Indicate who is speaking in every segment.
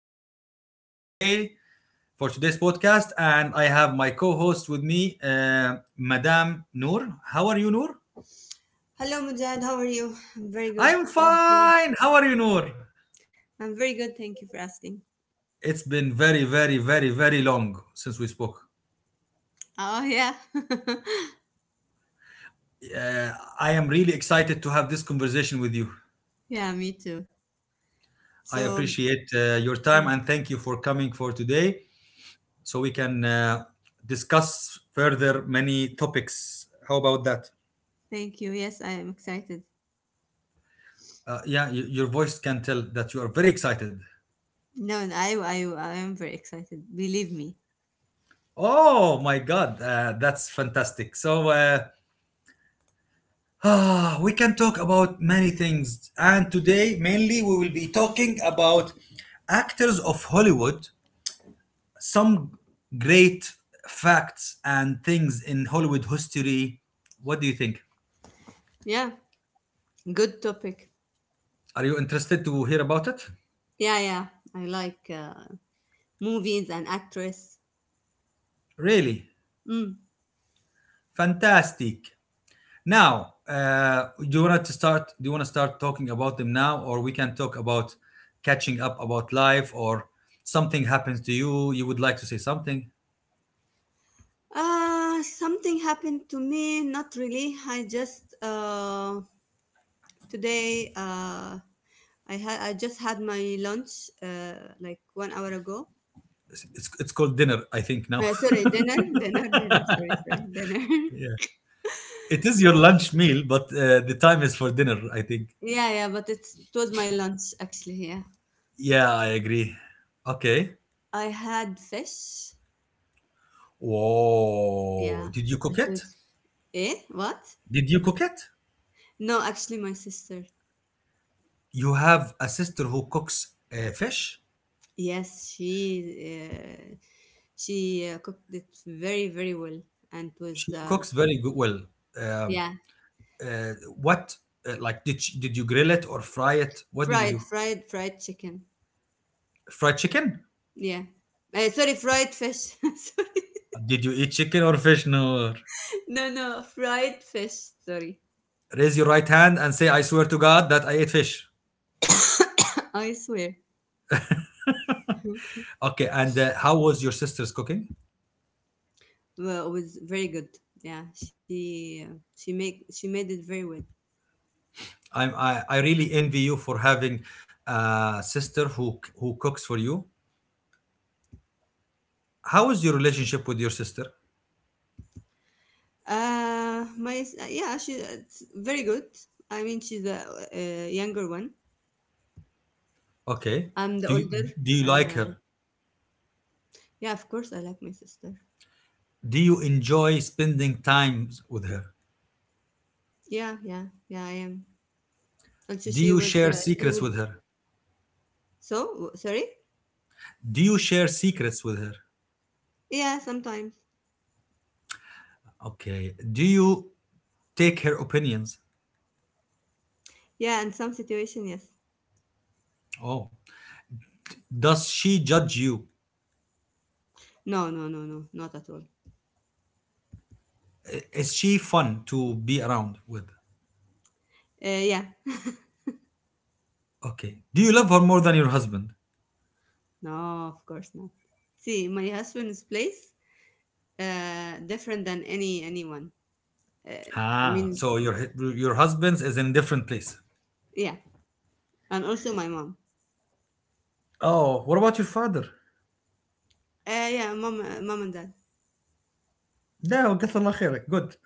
Speaker 1: am the host for today for today's podcast. And I have my co-host with me, Madame Noor. How are you, Noor?
Speaker 2: Hello, Mujad. How are you? I'm very
Speaker 1: I'm
Speaker 2: good. Thank you.
Speaker 1: fine. How are you, Noor?
Speaker 2: I'm very good. Thank you for asking.
Speaker 1: It's been very, very, very, very long since we spoke.
Speaker 2: Oh, yeah.
Speaker 1: Uh, I am really excited to have this conversation with you.
Speaker 2: yeah, me too.
Speaker 1: I
Speaker 2: So,
Speaker 1: appreciate your time,
Speaker 2: yeah,
Speaker 1: and thank you for coming for today, so we can discuss further many topics. How about that?
Speaker 2: thank you. Yes, I am excited.
Speaker 1: Yeah, your voice can tell that you are very excited.
Speaker 2: No, no, I am very excited. Believe me.
Speaker 1: Oh my God, that's fantastic. So we can talk about many things. And today, mainly, we will be talking about actors of Hollywood, some great facts and things in Hollywood history. What do you think?
Speaker 2: Yeah, good topic.
Speaker 1: Are you interested to hear about it?
Speaker 2: Yeah. I like movies and actress.
Speaker 1: Really?
Speaker 2: Mm.
Speaker 1: Fantastic. Now, do you want to start? Do you want to start talking about them now, or we can talk about catching up about life, or something happens to you? You would like to say something?
Speaker 2: Something happened to me. Not really. Today. Uh, I just had my lunch like 1 hour ago.
Speaker 1: It's called dinner, I think. Now,
Speaker 2: Sorry, dinner, dinner, dinner. Sorry, sorry, dinner.
Speaker 1: yeah, it is your lunch meal, but the time is for dinner, I think.
Speaker 2: But it was my lunch actually. Yeah,
Speaker 1: Yeah, I agree. Okay.
Speaker 2: I had fish.
Speaker 1: Whoa!
Speaker 2: Yeah,
Speaker 1: Did you cook
Speaker 2: it
Speaker 1: it?
Speaker 2: was. What?
Speaker 1: Did you cook it?
Speaker 2: No, actually, my sister.
Speaker 1: You have a sister who cooks fish.
Speaker 2: Yes, she cooked it very very well, and it was
Speaker 1: She cooks very good. Well, um,
Speaker 2: yeah
Speaker 1: Uh, what like did you grill it or fry it? What did you do?
Speaker 2: fried chicken.
Speaker 1: Fried chicken?
Speaker 2: Yeah, sorry, fried fish. sorry,
Speaker 1: Did you eat chicken or fish? No.
Speaker 2: no no fried fish. Sorry.
Speaker 1: Raise your right hand and say, "I swear to God that I ate fish."
Speaker 2: I swear.
Speaker 1: Okay, and how was your sister's cooking?
Speaker 2: Well, it was very good. Yeah, she made it very well.
Speaker 1: I really envy you for having a sister who cooks for you. How is your relationship with your sister?
Speaker 2: My s- yeah, she it's very good. I mean, she's the younger one.
Speaker 1: Okay.
Speaker 2: I'm the
Speaker 1: Do you,
Speaker 2: older.
Speaker 1: do you like
Speaker 2: Uh,
Speaker 1: her?
Speaker 2: yeah, of course, I like my sister.
Speaker 1: Do you enjoy spending time with her?
Speaker 2: Yeah, I am. Also,
Speaker 1: Do
Speaker 2: she
Speaker 1: you
Speaker 2: was
Speaker 1: share
Speaker 2: uh, she
Speaker 1: secrets
Speaker 2: would.
Speaker 1: with her?
Speaker 2: So sorry.
Speaker 1: Do you share secrets with her?
Speaker 2: Yeah, sometimes.
Speaker 1: Okay. Do you take her opinions?
Speaker 2: Yeah, in some situation, yes.
Speaker 1: Oh, does she judge you?
Speaker 2: No, no, no, no, not at all.
Speaker 1: Is she fun to be around with?
Speaker 2: Yeah.
Speaker 1: Okay. Do you love her more than your husband?
Speaker 2: No, of course not. See, my husband's place. Different than anyone. Uh, I
Speaker 1: Ah,
Speaker 2: mean,
Speaker 1: so your husband's is in a different place.
Speaker 2: yeah, and also my mom.
Speaker 1: Oh, what about your father?
Speaker 2: Mom and dad.
Speaker 1: No, قتل الله خيرك. Good.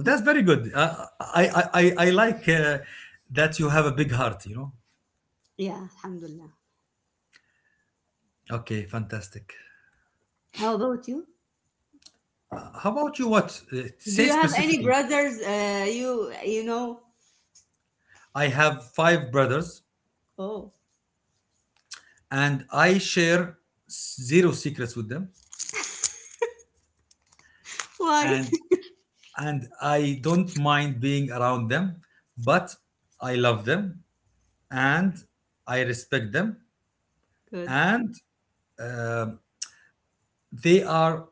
Speaker 1: That's very good. I like that you have a big heart. You know.
Speaker 2: Yeah, alhamdulillah.
Speaker 1: Okay, fantastic.
Speaker 2: How about you?
Speaker 1: How about you? What
Speaker 2: Do
Speaker 1: say
Speaker 2: you have any
Speaker 1: specifically?
Speaker 2: brothers? You you know?
Speaker 1: I have five brothers,
Speaker 2: Oh,
Speaker 1: and I share zero secrets with them,
Speaker 2: why?
Speaker 1: and I don't mind being around them, but I love them, and I respect them,
Speaker 2: Good.
Speaker 1: and uh, they are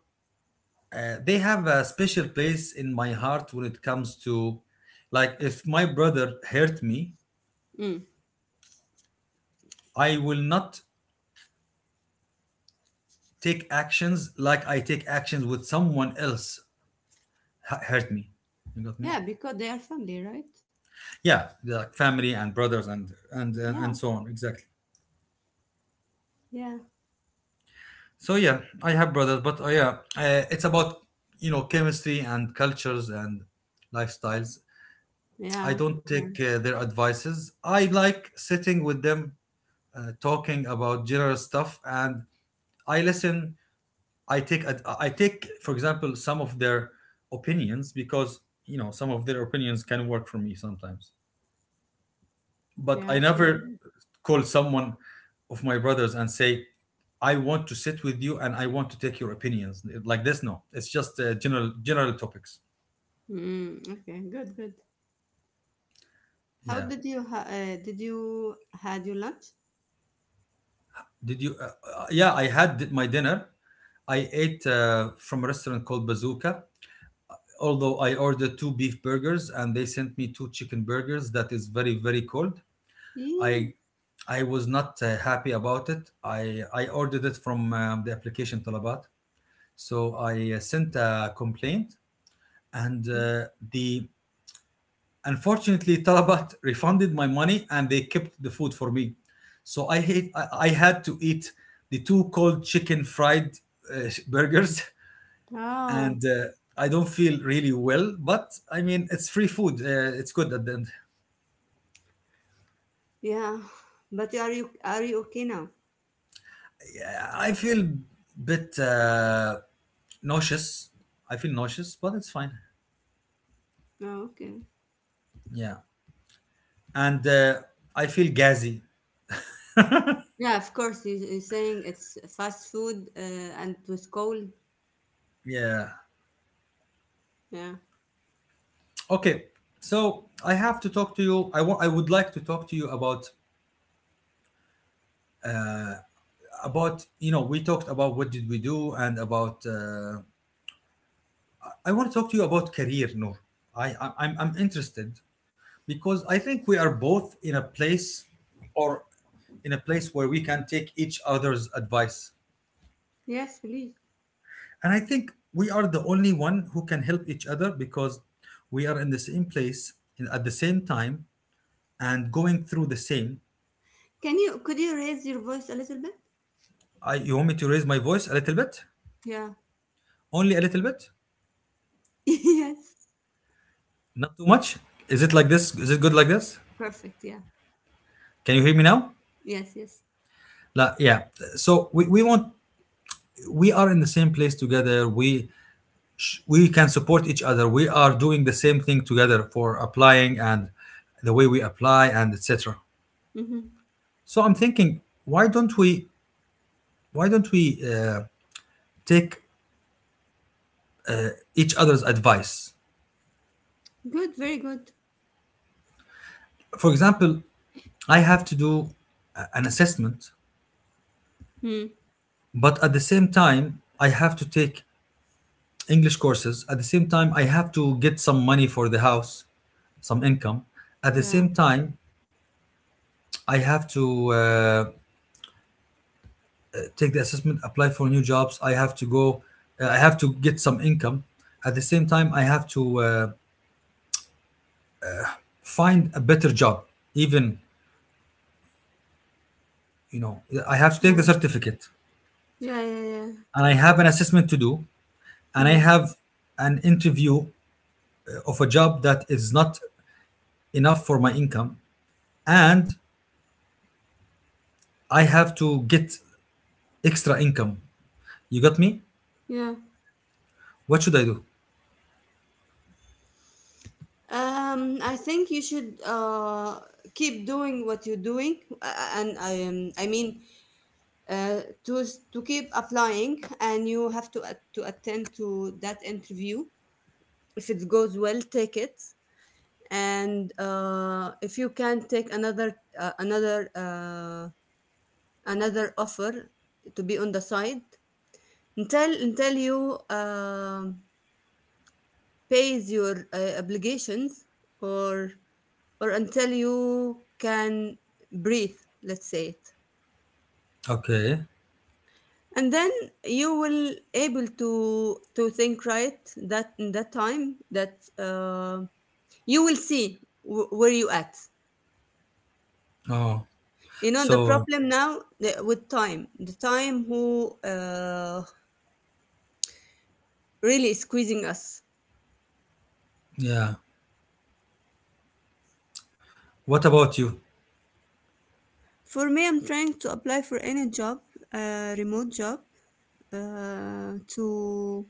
Speaker 1: they have a special place in my heart when it comes to, like, if my brother hurt me,
Speaker 2: Mm.
Speaker 1: I will not take actions like I take actions with someone else hurt me. You got me?
Speaker 2: Yeah, because they are family, right?
Speaker 1: Yeah, like family and brothers and
Speaker 2: Yeah,
Speaker 1: and so on, exactly.
Speaker 2: yeah,
Speaker 1: So yeah, I have brothers, but yeah, it's about, you know, chemistry and cultures and lifestyles. I
Speaker 2: yeah,
Speaker 1: don't
Speaker 2: yeah,
Speaker 1: take their advices. I like sitting with them, talking about general stuff, and I listen. I take, for example, some of their opinions, because, you know, some of their opinions can work for me sometimes, but
Speaker 2: yeah.
Speaker 1: I
Speaker 2: Okay.
Speaker 1: never call someone of my brothers and say, I want to sit with you, and I want to take your opinions like this. No, it's just general topics.
Speaker 2: Mm, okay. Good. Good. How
Speaker 1: Yeah.
Speaker 2: did you ha- Did you had your lunch?
Speaker 1: Did you? Yeah, I had my dinner. I ate from a restaurant called Bazooka. Although I ordered two beef burgers, and they sent me two chicken burgers that is very very cold. I
Speaker 2: Yeah.
Speaker 1: I was not happy about it. I ordered it from the application Talabat. So I sent a complaint, and the unfortunately Talabat refunded my money, and they kept the food for me, so I had to eat the two cold chicken fried burgers. And
Speaker 2: Oh,
Speaker 1: I don't feel really well, but I mean, it's free food, it's good at the end.
Speaker 2: yeah, but are you okay now?
Speaker 1: Yeah, I feel bit nauseous. I feel nauseous, but it's fine.
Speaker 2: Oh, okay.
Speaker 1: Yeah, and I feel gassy.
Speaker 2: Yeah, of course. You're saying it's fast food and it was cold.
Speaker 1: Yeah.
Speaker 2: Yeah.
Speaker 1: Okay, so I have to talk to you. I want. I would like to talk to you about you know we talked about what did we do and about. I want to talk to you about career, Noor. I'm interested, because I think we are both in a place, or where we can take each other's advice,
Speaker 2: Yes, please.
Speaker 1: and I think we are the only one who can help each other, because we are in the same place at the same time, and going through the same.
Speaker 2: Can you Could you raise your voice a little bit?
Speaker 1: You want me to raise my voice a little bit?
Speaker 2: Yeah.
Speaker 1: Only a little bit?
Speaker 2: yes.
Speaker 1: Not too much? Is it like this? Is it good like this?
Speaker 2: Perfect. Yeah.
Speaker 1: Can you hear me now?
Speaker 2: Yes. Yes.
Speaker 1: La, yeah. So we want, we are in the same place together. We can support each other. We are doing the same thing together for applying, and the way we apply and etc.
Speaker 2: Mm-hmm.
Speaker 1: So I'm thinking, why don't we, why don't we take each other's advice?
Speaker 2: Good. Very good.
Speaker 1: For example, I have to do an assessment,
Speaker 2: Hmm.
Speaker 1: but at the same time, I have to take English courses. At the same time, I have to get some money for the house, some income. At the
Speaker 2: Yeah.
Speaker 1: same time, I have to take the assessment, apply for new jobs. I have to go. I have to get some income. At the same time, I have to find a better job. Even, you know, I have to take the
Speaker 2: Yeah.
Speaker 1: certificate,
Speaker 2: Yeah. Yeah. Yeah.
Speaker 1: and I have an assessment to do, and I
Speaker 2: Hmm.
Speaker 1: have an interview of a job that is not enough for my income, and I have to get extra income. You got me?
Speaker 2: Yeah.
Speaker 1: What should I do?
Speaker 2: I think you should keep doing what you're doing, and I mean to keep applying, and you have to to attend to that interview. If it goes well, take it, and if you can take another offer to be on the side until you pays your obligations, or or until you can breathe, let's say it.
Speaker 1: Okay.
Speaker 2: And then you will able to think right, that in that time that you will see where you at.
Speaker 1: Oh,
Speaker 2: You know, the
Speaker 1: so
Speaker 2: problem now, with time, the time who really is squeezing us.
Speaker 1: yeah. What about you?
Speaker 2: For me, I'm trying to apply for any job, remote job, to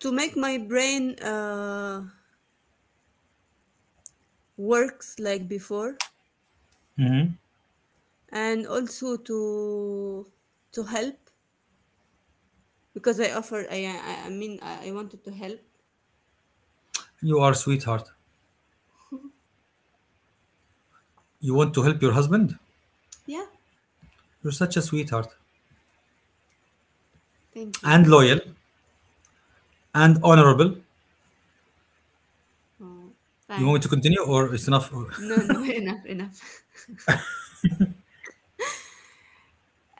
Speaker 2: make my brain works like before.
Speaker 1: Hmm.
Speaker 2: And also to help, because I offered. I mean, I wanted to help.
Speaker 1: You are sweetheart. You want to help your husband?
Speaker 2: Yeah,
Speaker 1: You're such a sweetheart.
Speaker 2: thank you.
Speaker 1: And loyal and honorable.
Speaker 2: Oh,
Speaker 1: You want me to
Speaker 2: thanks.
Speaker 1: continue, or it's enough?
Speaker 2: No, no, enough, enough.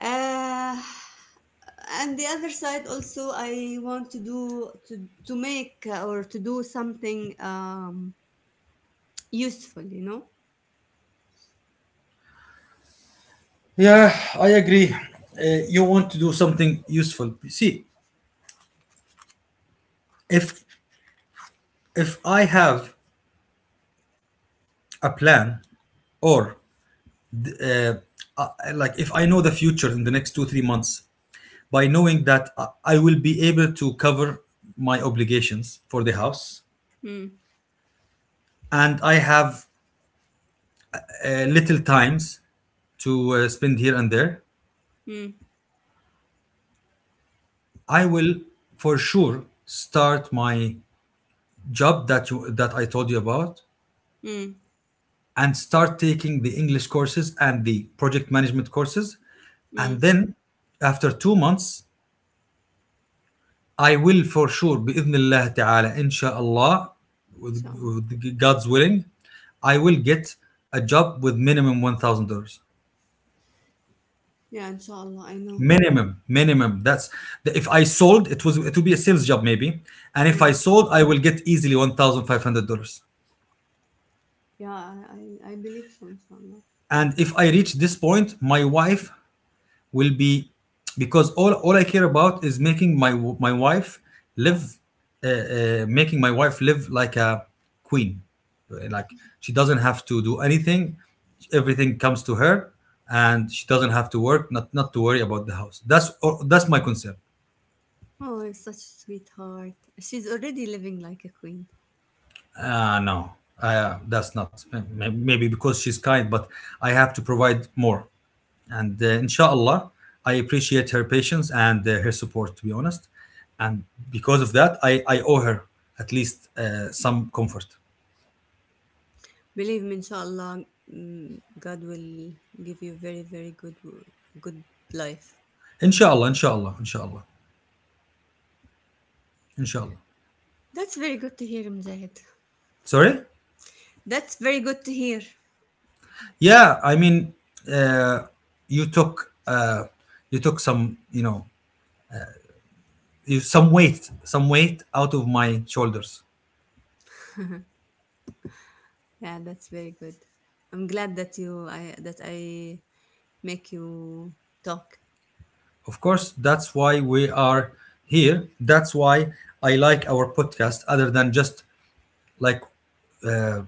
Speaker 2: Uh, and the other side also, I want to do to make or to do something useful. You know.
Speaker 1: Yeah, I agree. You want to do something useful. See, if I have a plan, or uh, uh, like if I know the future in the next 2 or 3 months, by knowing that I will be able to cover my obligations for the house,
Speaker 2: Mm,
Speaker 1: and I have little times to spend here and there,
Speaker 2: mm,
Speaker 1: I will for sure start my job that that I told you about,
Speaker 2: mm,
Speaker 1: and start taking the English courses and the project management courses, and
Speaker 2: mm.
Speaker 1: then after 2 months I will for sure, بإذن الله تعالى, inshallah,
Speaker 2: Inshallah.
Speaker 1: with God's willing, I will get a job with minimum $1,000.
Speaker 2: Yeah, inshallah. I know.
Speaker 1: Minimum,
Speaker 2: Inshallah.
Speaker 1: minimum. That's if I sold, it would be a sales job maybe, and if I
Speaker 2: Mm.
Speaker 1: sold, I will get easily $1,500.
Speaker 2: Yeah, I believe so, inshallah.
Speaker 1: And if I reach this point, my wife will be, because all I care about is making my wife live, like a queen, like she doesn't have to do anything, everything comes to her, and she doesn't have to work, not to worry about the house. That's my concern.
Speaker 2: Oh, such a sweetheart. She's already living like a queen.
Speaker 1: No, that's not. Maybe because she's kind, but I have to provide more, and inshallah, I appreciate her patience and her support, to be honest, and because of that, I owe her at least some comfort.
Speaker 2: Believe me, inshallah, mm, God will give you very, very good, good life.
Speaker 1: Inshallah, inshallah, inshallah, inshallah.
Speaker 2: That's very good to hear, Mujahid.
Speaker 1: Sorry.
Speaker 2: That's very good to hear.
Speaker 1: Yeah, I mean, uh, you took uh, you took some you know you, some weight out of my shoulders.
Speaker 2: Yeah, that's very good. I'm glad that I make you talk.
Speaker 1: Of course, that's why we are here, that's why I like our podcast, other than just, like, uh,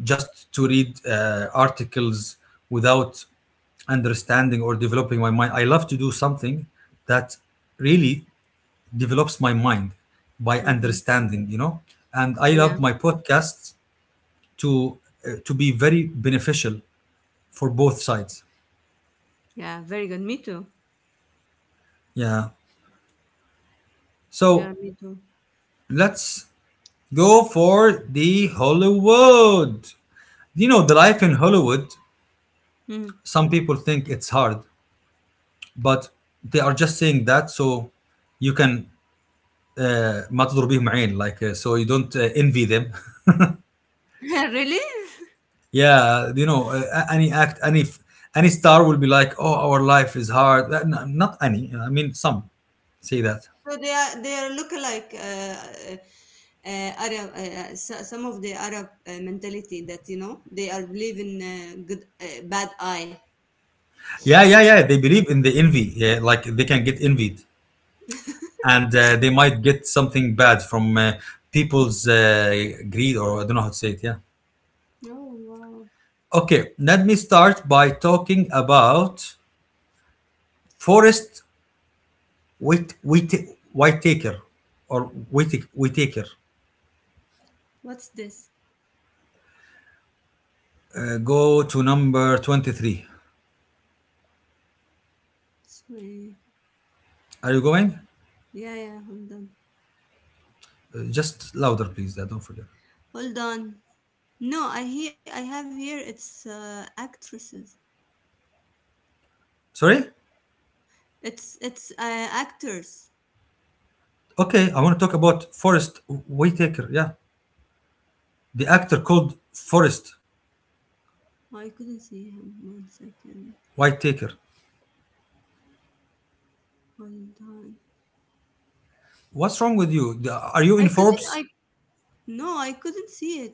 Speaker 1: just to read articles without understanding or developing my mind. I love to do something that really develops my mind by
Speaker 2: Hmm.
Speaker 1: understanding, you know. And I
Speaker 2: Yeah,
Speaker 1: love my podcasts to to be very beneficial for both sides.
Speaker 2: yeah, very good. Me too.
Speaker 1: Yeah.
Speaker 2: Yeah,
Speaker 1: So
Speaker 2: me too.
Speaker 1: let's go for the Hollywood. You know, the life in Hollywood.
Speaker 2: Mm.
Speaker 1: Some people think it's hard, but they are just saying that so you can ما تضرب بيهم عين, like, so you don't envy them.
Speaker 2: really?
Speaker 1: Yeah, you know, any act any star will be like, oh, our life is hard. No, not any, I mean, some say that.
Speaker 2: So they are lookalike Arab. Some of the Arab mentality, that you know they are believe in good bad eye.
Speaker 1: Yeah, yeah, yeah, they believe in the envy, yeah, like they can get envied, and they might get something bad from people's greed, or I don't know how to say it. Yeah.
Speaker 2: Oh wow!
Speaker 1: Okay, let me start by talking about Forest, Wait, wait, Whit, Taker, or Wait, Whitaker.
Speaker 2: What's this?
Speaker 1: Go to number 23.
Speaker 2: It's my-
Speaker 1: Are you going?
Speaker 2: Yeah, yeah. Hold on.
Speaker 1: Just louder, please. Don't forget.
Speaker 2: Hold on. No, I he I have here. It's actresses.
Speaker 1: Sorry?
Speaker 2: It's actors.
Speaker 1: Okay, I want to talk about Forrest Whitaker. Yeah. The actor called Forrest
Speaker 2: Oh, I couldn't see him. One second.
Speaker 1: Whitaker.
Speaker 2: Hold on.
Speaker 1: What's wrong with you? Are you
Speaker 2: I
Speaker 1: in
Speaker 2: couldn't. I
Speaker 1: Forbes?
Speaker 2: no. I couldn't see it.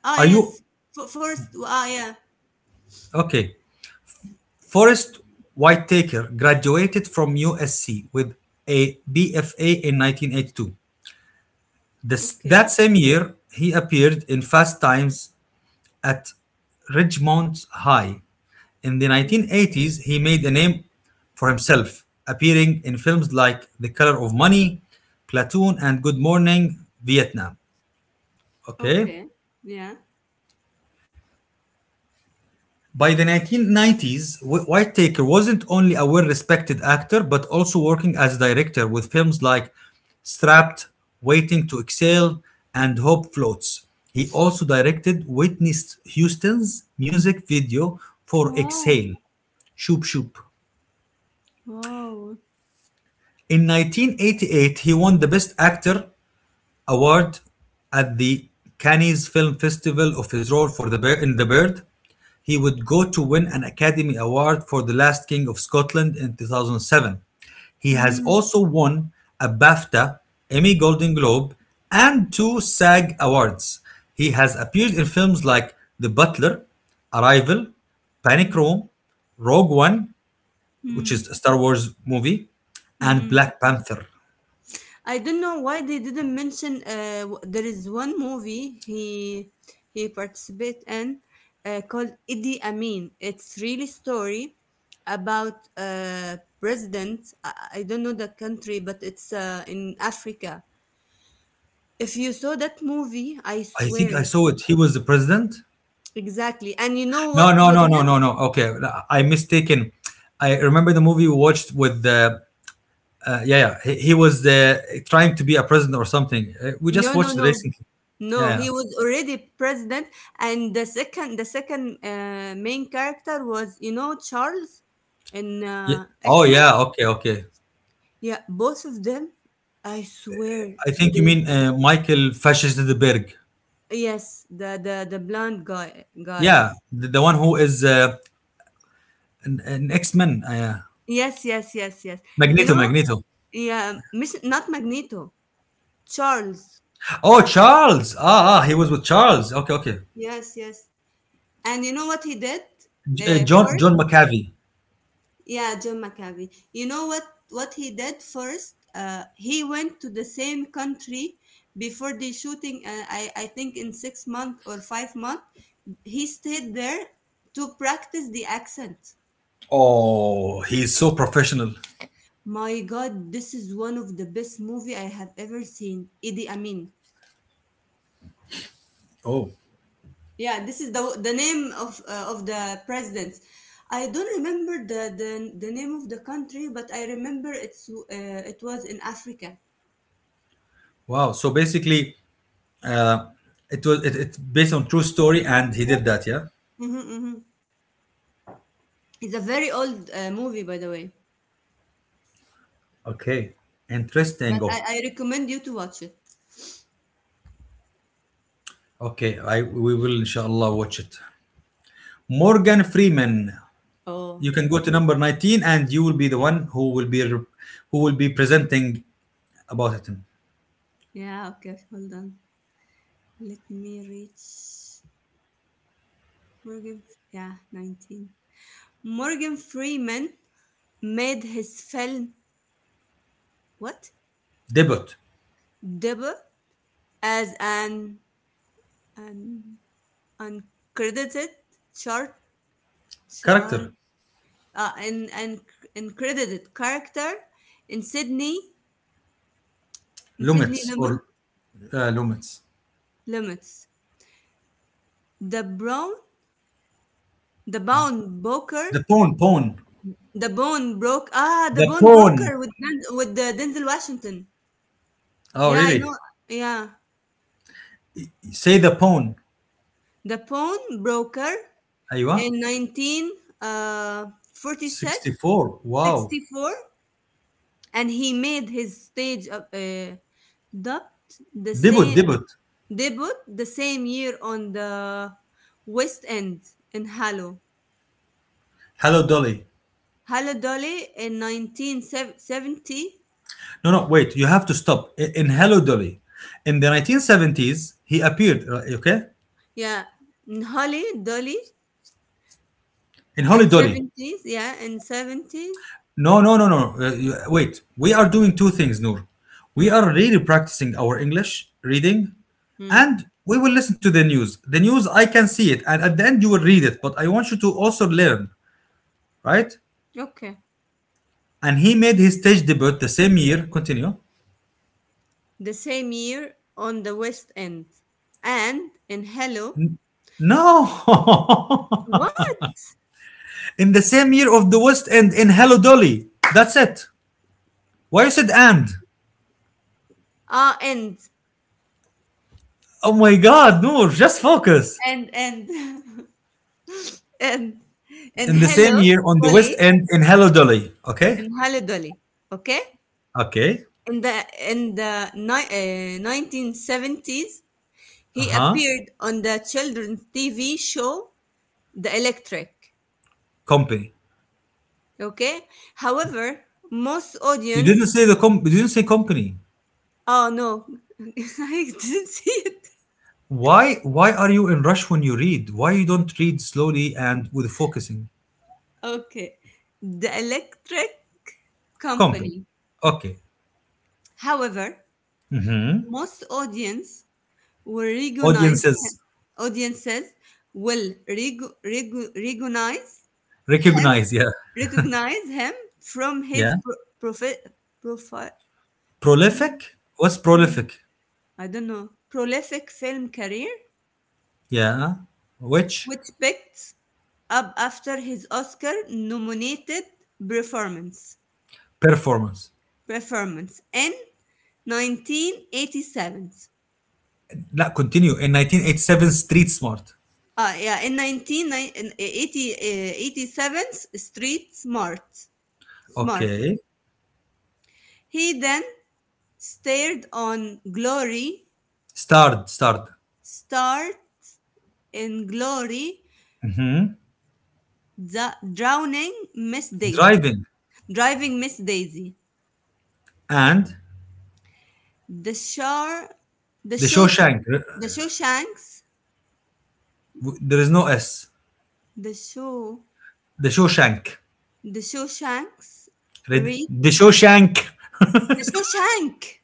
Speaker 2: Ah,
Speaker 1: Are
Speaker 2: yes.
Speaker 1: you.
Speaker 2: First. Ah, yeah.
Speaker 1: Okay. Forrest Whitaker graduated from USC with a BFA in 1982. This,
Speaker 2: Okay.
Speaker 1: that same year, he appeared in Fast Times At Ridgemont High. In the
Speaker 2: Mm.
Speaker 1: 1980s, he made a name for himself, appearing in films like The Color of Money, Platoon, and Good Morning Vietnam. Okay.
Speaker 2: Okay. Yeah.
Speaker 1: By the 1990s, Whittaker wasn't only a well respected actor but also working as a director with films like Strapped, Waiting to Exhale, and Hope Floats. He also directed Whitney Houston's music video for
Speaker 2: Wow.
Speaker 1: Exhale, Shoop Shoop.
Speaker 2: Wow.
Speaker 1: In 1988, he won the Best Actor Award at the Cannes Film Festival of his role for the Bear, in The Bird. He would go to win an Academy Award for The Last King of Scotland in 2007. He has
Speaker 2: Mm.
Speaker 1: also won a BAFTA, Emmy Golden Globe, and two SAG Awards. He has appeared in films like The Butler, Arrival, Panic
Speaker 2: Mm.
Speaker 1: Room, Rogue One, which
Speaker 2: Mm.
Speaker 1: is a Star Wars movie, and
Speaker 2: Mm-mm.
Speaker 1: Black Panther.
Speaker 2: I don't know why they didn't mention. There is one movie he participate in, called Idi Amin. It's really story about president. I don't know the country, but it's in Africa. If you saw that movie, I
Speaker 1: I think I
Speaker 2: swear
Speaker 1: saw it. He was the president.
Speaker 2: exactly. And you know
Speaker 1: No,
Speaker 2: what
Speaker 1: no,
Speaker 2: with
Speaker 1: no, no,
Speaker 2: him?
Speaker 1: no, no. Okay, I mistaken. I remember the movie we watched with the yeah, yeah. He was the trying to be a president or something. We just
Speaker 2: No, no,
Speaker 1: watched it
Speaker 2: no.
Speaker 1: recently. Yeah,
Speaker 2: No,
Speaker 1: yeah,
Speaker 2: he was already president, and the second main character was, you know, Charles in
Speaker 1: yeah. Oh
Speaker 2: X Men.
Speaker 1: yeah. Okay, okay.
Speaker 2: Yeah, both of them. I swear
Speaker 1: I think you
Speaker 2: they
Speaker 1: mean Michael Fassbender.
Speaker 2: yes, the blonde guy.
Speaker 1: Yeah, the one who is an X Men. Yeah.
Speaker 2: Yes, yes, yes, yes. You
Speaker 1: Magneto,
Speaker 2: know,
Speaker 1: Magneto.
Speaker 2: yeah, Miss, not Magneto, Charles.
Speaker 1: Oh, Charles. Ah, ah, he was with Charles. Okay, okay.
Speaker 2: Yes, yes. And you know what he did
Speaker 1: John
Speaker 2: for
Speaker 1: John McAvey.
Speaker 2: yeah, John McAfee. You know what he did first? He went to the same country before the shooting. I think in 6 months or 5 months, he stayed there to practice the accent.
Speaker 1: Oh, he's so professional.
Speaker 2: My God, this is one of the best movie I have ever seen. Idi Amin.
Speaker 1: Oh,
Speaker 2: Yeah, this is the name of the president. I don't remember the name of the country, but I remember it's it was in Africa.
Speaker 1: wow. So basically, uh, it's based on true story and he did that, yeah.
Speaker 2: Hmm. It's a very old movie, by the way,
Speaker 1: Okay. Interesting.
Speaker 2: but
Speaker 1: Oh,
Speaker 2: I recommend you to watch it.
Speaker 1: okay, I we will inshallah watch it. Morgan Freeman,
Speaker 2: Oh,
Speaker 1: you can go to number 19 and you will be the one who will who will be presenting about it.
Speaker 2: yeah, okay, hold on. Let me reach Morgan. Yeah, 19. Morgan Freeman made his film, what?
Speaker 1: Debut.
Speaker 2: Debut as an uncredited chart, chart,
Speaker 1: Character.
Speaker 2: an uncredited character in Sydney, in Sydney
Speaker 1: Lumits
Speaker 2: Limit,
Speaker 1: or lumits.
Speaker 2: Limits. The Brown, the Bound Booker.
Speaker 1: The pawn.
Speaker 2: The Bone Broke. Ah, The
Speaker 1: The
Speaker 2: Bone Broker
Speaker 1: pawn.
Speaker 2: with Denzel Washington.
Speaker 1: Oh
Speaker 2: Yeah, I know.
Speaker 1: really?
Speaker 2: Yeah,
Speaker 1: Say the pawn.
Speaker 2: The Bone Broker
Speaker 1: ايوه.
Speaker 2: in 19 uh 46
Speaker 1: 64. Wow.
Speaker 2: 64, and he made his stage of dubbed the
Speaker 1: Debut.
Speaker 2: same
Speaker 1: Debut.
Speaker 2: debut the same year on the West End in Hallow.
Speaker 1: Hello Dolly.
Speaker 2: Hallow Dolly in 1970.
Speaker 1: No, no, wait, you have to stop. In Hello Dolly, in the 1970s, he appeared, okay?
Speaker 2: Yeah, in Holly Dolly.
Speaker 1: In Hello
Speaker 2: In
Speaker 1: Dolly.
Speaker 2: '70s, yeah, in '70s.
Speaker 1: No, no, no, no. Wait, we are doing two things, Noor. We
Speaker 2: Mm,
Speaker 1: are really practicing our English reading,
Speaker 2: mm.
Speaker 1: and we will listen to the news. The news, I can see it, and at the end, you will read it, but I want you to also learn, right?
Speaker 2: Okay.
Speaker 1: And he made his stage debut the same year. Continue.
Speaker 2: The same year on the West End. And in Hello.
Speaker 1: No!
Speaker 2: What?
Speaker 1: In the same year of The West End in Hello Dolly. That's it. Why you said and?
Speaker 2: Ah, End.
Speaker 1: Oh my God, Noor, just focus.
Speaker 2: And, and, and, and
Speaker 1: In the same
Speaker 2: Hello,
Speaker 1: year on the West
Speaker 2: Dolly.
Speaker 1: End in Hello Dolly. Okay?
Speaker 2: And Hello, Dolly. Okay?
Speaker 1: Okay.
Speaker 2: In the, in the 1970s, he
Speaker 1: Uh-huh.
Speaker 2: appeared on the children's TV show, The Electric.
Speaker 1: Company.
Speaker 2: Okay? However, most
Speaker 1: You
Speaker 2: audience
Speaker 1: didn't say the com you didn't say company.
Speaker 2: oh no, I didn't see it.
Speaker 1: Why are you in rush when you read? Why you don't read slowly and with focusing?
Speaker 2: Okay. The Electric
Speaker 1: Company.
Speaker 2: Company.
Speaker 1: Okay.
Speaker 2: However, most audience will recognize
Speaker 1: Audiences
Speaker 2: audiences will him
Speaker 1: recognize, yeah.
Speaker 2: recognize him from his
Speaker 1: Yeah.
Speaker 2: profi- profi- pro-
Speaker 1: Prolific? What's
Speaker 2: pro-
Speaker 1: prolific?
Speaker 2: I don't know prolific film career,
Speaker 1: Yeah. Which
Speaker 2: which picked up after his Oscar nominated performance.
Speaker 1: performance?
Speaker 2: Performance in 1987.
Speaker 1: لا continue. In 1987, Street Smart.
Speaker 2: Ah, yeah, in 1987 Street Smart. Smart.
Speaker 1: Okay.
Speaker 2: He then starred on Glory,
Speaker 1: Starred, starred.
Speaker 2: starred in Glory, the Drowning Miss Daisy,
Speaker 1: Driving
Speaker 2: Driving Miss Daisy,
Speaker 1: and
Speaker 2: The Shar, The
Speaker 1: The
Speaker 2: Show,
Speaker 1: Shawshank.
Speaker 2: The Shawshanks,
Speaker 1: There is no S.
Speaker 2: The Show,
Speaker 1: The Shawshank.
Speaker 2: The Shawshanks,
Speaker 1: Red,
Speaker 2: Re,
Speaker 1: the Shawshank.
Speaker 2: The Shawshank.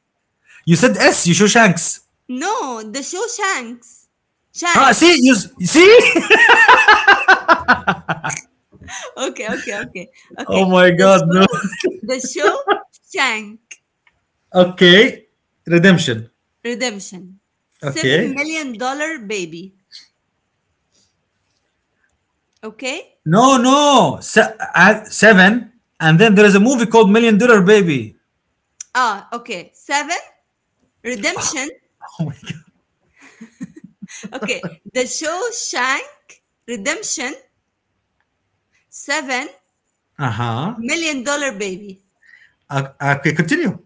Speaker 1: You said S. You Shawshanks.
Speaker 2: No, the show Shanks.
Speaker 1: Ah,
Speaker 2: Shank.
Speaker 1: see you see.
Speaker 2: Okay, okay, okay,
Speaker 1: Oh
Speaker 2: okay.
Speaker 1: my God, no.
Speaker 2: The show Shank
Speaker 1: Okay, Redemption.
Speaker 2: Redemption. Seven
Speaker 1: Okay.
Speaker 2: million dollar baby. Okay.
Speaker 1: No, no. Seven, and then there is a movie called Million Dollar Baby.
Speaker 2: Ah, okay. Seven Redemption.
Speaker 1: Oh my God.
Speaker 2: Okay, the show Shank Redemption. Seven
Speaker 1: Uh-huh.
Speaker 2: million dollar baby.
Speaker 1: Okay, continue.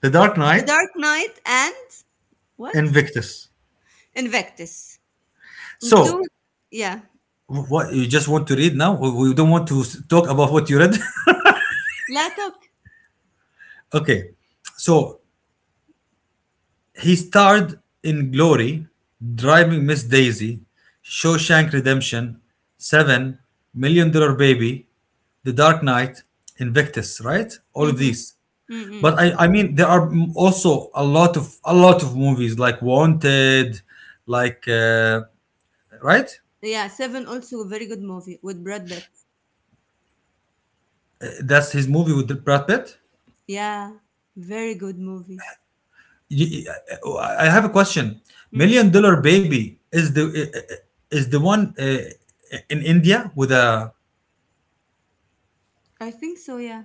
Speaker 1: The Dark
Speaker 2: The
Speaker 1: Knight,
Speaker 2: Dark Knight and what?
Speaker 1: Invictus.
Speaker 2: Invictus. Two.
Speaker 1: So,
Speaker 2: Yeah.
Speaker 1: what you just want to read now? We don't want to talk about what you read.
Speaker 2: لا توك.
Speaker 1: Okay, so he starred in Glory, Driving Miss Daisy, Shawshank Redemption, Seven, Million Dollar Baby, The Dark Knight, Invictus, right? All of these.
Speaker 2: Mm-hmm.
Speaker 1: But I mean, there are also a lot of movies like Wanted, like right?
Speaker 2: Yeah, Seven also a very good movie with Brad Pitt.
Speaker 1: That's his movie with Brad Pitt.
Speaker 2: Yeah, very good movie.
Speaker 1: I have a question.
Speaker 2: Mm,
Speaker 1: Million Dollar Baby is the one in India with a.
Speaker 2: I think so. Yeah,